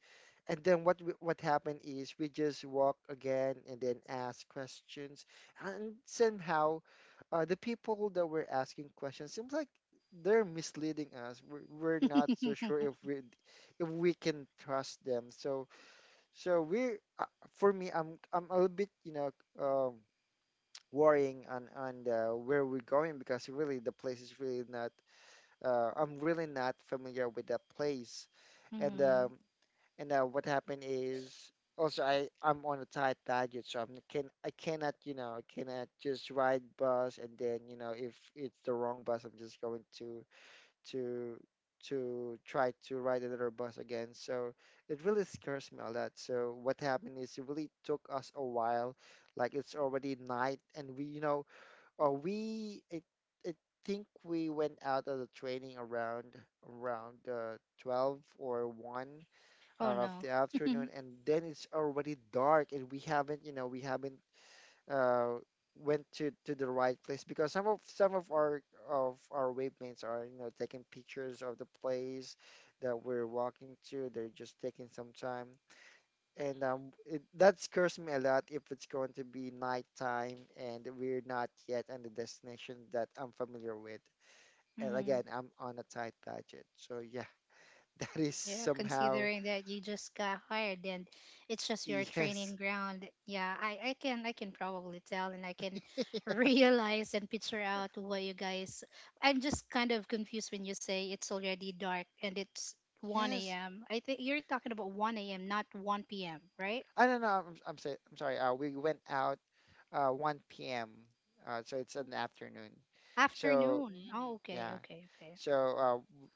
Speaker 3: And then what we- what happened is we just walk again and then ask questions and somehow uh, the people that were asking questions seems like they're misleading us. We're, we're not so sure if we if we can trust them. So so we uh, for me, i'm i'm a little bit you know um worrying on on the, where we're going because really the place is really not uh, I'm really not familiar with that place. and
Speaker 2: Mm-hmm.
Speaker 3: um, and uh, what happened is also I I'm on a tight budget, so I'm can I cannot you know I cannot just ride bus and then you know if it's the wrong bus, I'm just going to to to try to ride another bus again. So it really scares me a lot. So what happened is it really took us a while, like it's already night and we you know or we it, I think we went out of the training around around uh, twelve or one
Speaker 2: Oh
Speaker 3: hour of
Speaker 2: no.
Speaker 3: the
Speaker 2: <laughs>
Speaker 3: afternoon, and then it's already dark, and we haven't, you know, we haven't uh, went to to the right place because some of some of our of our wavemates are, you know, taking pictures of the place that we're walking to. They're just taking some time, and um, it, that scares me a lot if it's going to be nighttime and we're not yet on the destination that I'm familiar with. And
Speaker 2: Mm-hmm.
Speaker 3: again, I'm on a tight budget, so yeah, <laughs> that is
Speaker 2: Yeah,
Speaker 3: somehow.
Speaker 2: considering that you just got hired and it's just your
Speaker 3: Yes,
Speaker 2: training ground. Yeah, I, I can, I can probably tell, and I can <laughs> realize and picture out what you guys. I'm just kind of confused when you say it's already dark and it's one
Speaker 3: yes.
Speaker 2: A M. I think you're talking about one A M, not one P M, right?
Speaker 3: I don't know. I'm I'm, say, I'm sorry. Uh, we went out uh one p m. Uh, so it's an afternoon. So
Speaker 2: Afternoon.
Speaker 1: Mm.
Speaker 2: Oh okay,
Speaker 3: yeah.
Speaker 2: okay, okay.
Speaker 3: So uh, w-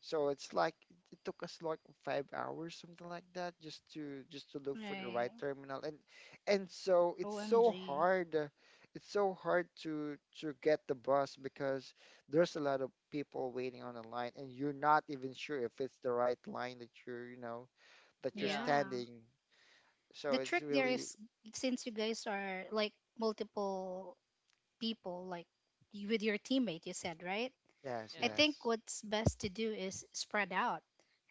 Speaker 3: so it's like it took us like five hours, something like that, just to just to look for the right
Speaker 2: Right.
Speaker 3: terminal. And and so it's so
Speaker 2: O M G.
Speaker 3: hard. Uh, it's so hard to to get the bus because there's a lot of people waiting on the line, and you're not even sure if it's the right line that you're you know that you're
Speaker 1: Yeah.
Speaker 2: Yeah.
Speaker 3: standing. So
Speaker 2: The
Speaker 3: it's
Speaker 2: trick there
Speaker 3: really
Speaker 2: is, since you guys are like multiple people like you- with your teammate, you said, right?
Speaker 3: yes,
Speaker 2: I
Speaker 1: Yeah.
Speaker 2: think
Speaker 3: yes.
Speaker 2: what's best to do is spread out,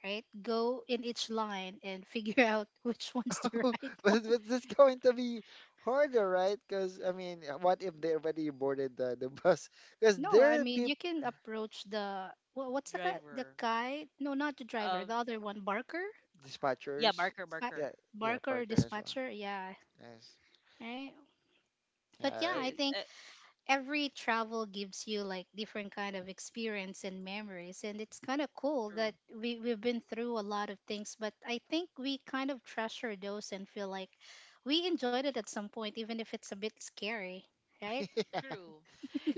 Speaker 2: right, go in each line and figure <laughs> out which one's the
Speaker 3: <laughs> but,
Speaker 2: right <laughs> one.
Speaker 3: but that's going to be harder, right? Because I mean, uh, what if they already boarded the, the <laughs> bus? Because
Speaker 2: No, I
Speaker 3: there are
Speaker 2: mean,
Speaker 3: people,
Speaker 2: you can approach the wha- what's the guy, the
Speaker 1: Driver.
Speaker 2: guy, no, not the driver,
Speaker 1: Um.
Speaker 2: the other one, barker.
Speaker 1: Yeah.
Speaker 3: dispatchers.
Speaker 1: Marker.
Speaker 2: Spa-
Speaker 1: Marker.
Speaker 3: Yeah, yeah,
Speaker 2: Barker or
Speaker 3: Parker as well.
Speaker 2: dispatcher, yeah,
Speaker 3: Yes.
Speaker 2: right. But yeah, I
Speaker 1: Yes. Uh,
Speaker 2: think every travel gives you like different kind of experience and memories, and it's kind of cool
Speaker 1: true.
Speaker 2: that we, we've been through a lot of things, but I think we kind of treasure those and feel like we enjoyed it at some point, even if it's a bit scary,
Speaker 3: Yeah.
Speaker 2: right?
Speaker 1: True.
Speaker 3: <laughs>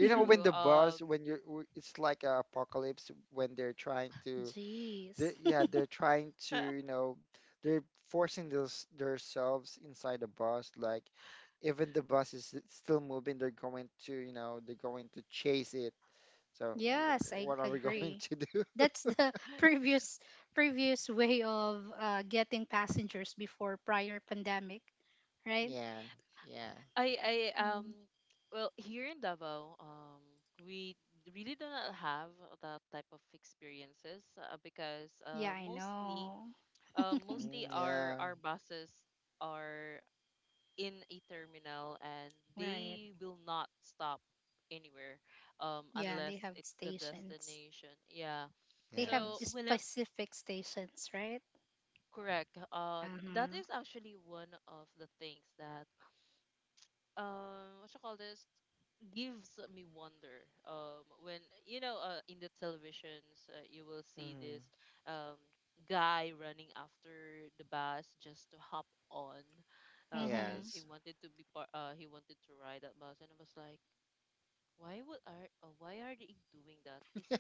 Speaker 3: You know,
Speaker 1: True.
Speaker 3: when the
Speaker 1: Um.
Speaker 3: bus, when you're, w- it's like a apocalypse when they're trying to
Speaker 2: Jeez.
Speaker 3: they yeah they're trying to you
Speaker 1: <laughs>
Speaker 3: know they're forcing those themselves inside the bus like even the bus is s- still moving they're going to you know they're going to chase it so w-
Speaker 2: Yes, I
Speaker 3: what are we <laughs> going
Speaker 2: agree.
Speaker 3: to do.
Speaker 2: That's the <laughs> previous previous way of uh, getting passengers before, prior pandemic, right?
Speaker 3: Yeah. Yeah.
Speaker 1: I. I. Um.
Speaker 2: Mm.
Speaker 1: Well, here in Davao, um, we really do not have that type of experiences uh, because
Speaker 2: Yeah,
Speaker 1: uh,
Speaker 2: I
Speaker 1: mostly
Speaker 2: know,
Speaker 1: uh, mostly
Speaker 3: Mm,
Speaker 1: our
Speaker 3: yeah.
Speaker 1: our buses are in a terminal and
Speaker 2: right.
Speaker 1: they will not stop anywhere um
Speaker 2: Yeah,
Speaker 1: unless
Speaker 2: they have
Speaker 1: it's the
Speaker 2: stations.
Speaker 1: destination. Yeah,
Speaker 2: They have
Speaker 1: so
Speaker 3: Yes.
Speaker 1: whenever
Speaker 2: specific stations, right?
Speaker 1: correct uh that
Speaker 2: Uh-huh.
Speaker 1: is actually one of the things that um what you call this gives me wonder um when you know uh, in the televisions uh, you will see
Speaker 3: Mm,
Speaker 1: this um guy running after the bus just to hop on uh, because
Speaker 2: Mm-hmm.
Speaker 1: he
Speaker 3: yes.
Speaker 1: wanted to be part uh, he wanted to ride that bus. And I was like, why would are uh, why are they doing that? Isn't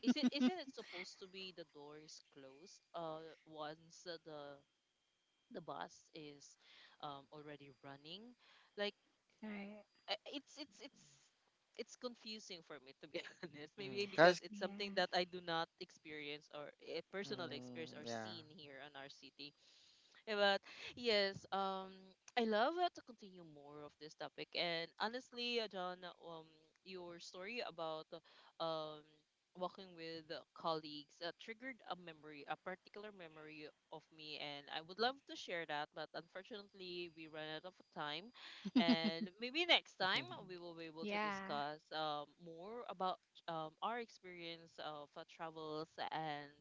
Speaker 1: isn't isn't it supposed to be the door is closed uh once uh, the the bus is um already running? Like
Speaker 2: <laughs> Right.
Speaker 1: I- it's it's it's it's confusing for me to be <laughs> honest, maybe
Speaker 3: Mm,
Speaker 1: because
Speaker 3: cause
Speaker 1: it's something
Speaker 2: Yeah.
Speaker 1: that I do not experience or eh, personally experience or
Speaker 3: mm, yeah.
Speaker 1: seen here in our city. <laughs> But yes, um, I love uh, to continue more of this topic. And honestly, uh, John, um, your story about um walking with uh, colleagues uh, triggered a memory, a particular memory of me, and I would love to share that. But unfortunately, we ran out of time,
Speaker 2: <laughs>
Speaker 1: and maybe next
Speaker 3: <laughs>
Speaker 1: time
Speaker 3: Mm.
Speaker 1: we will be able to
Speaker 2: Yeah.
Speaker 1: discuss um more about um our experience of uh, travels and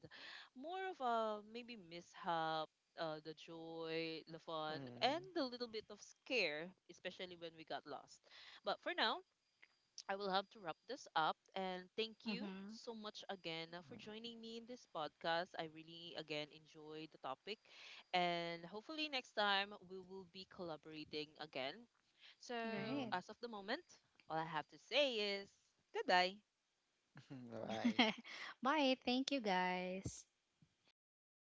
Speaker 1: more of a maybe mishap, uh, the joy, the fun, and
Speaker 3: Mm.
Speaker 1: the little bit of scare, especially when we got lost. But for now, I will have to wrap this up. And thank you
Speaker 2: Mm-hmm.
Speaker 1: so much again uh, for joining me in this podcast. I really, again, enjoyed the topic. And hopefully, next time we will be collaborating again. So,
Speaker 2: Right.
Speaker 3: Mm.
Speaker 1: as of the moment, all I have to say is goodbye.
Speaker 3: <laughs> Bye.
Speaker 2: <laughs> Bye. Thank you guys.
Speaker 3: Thank you.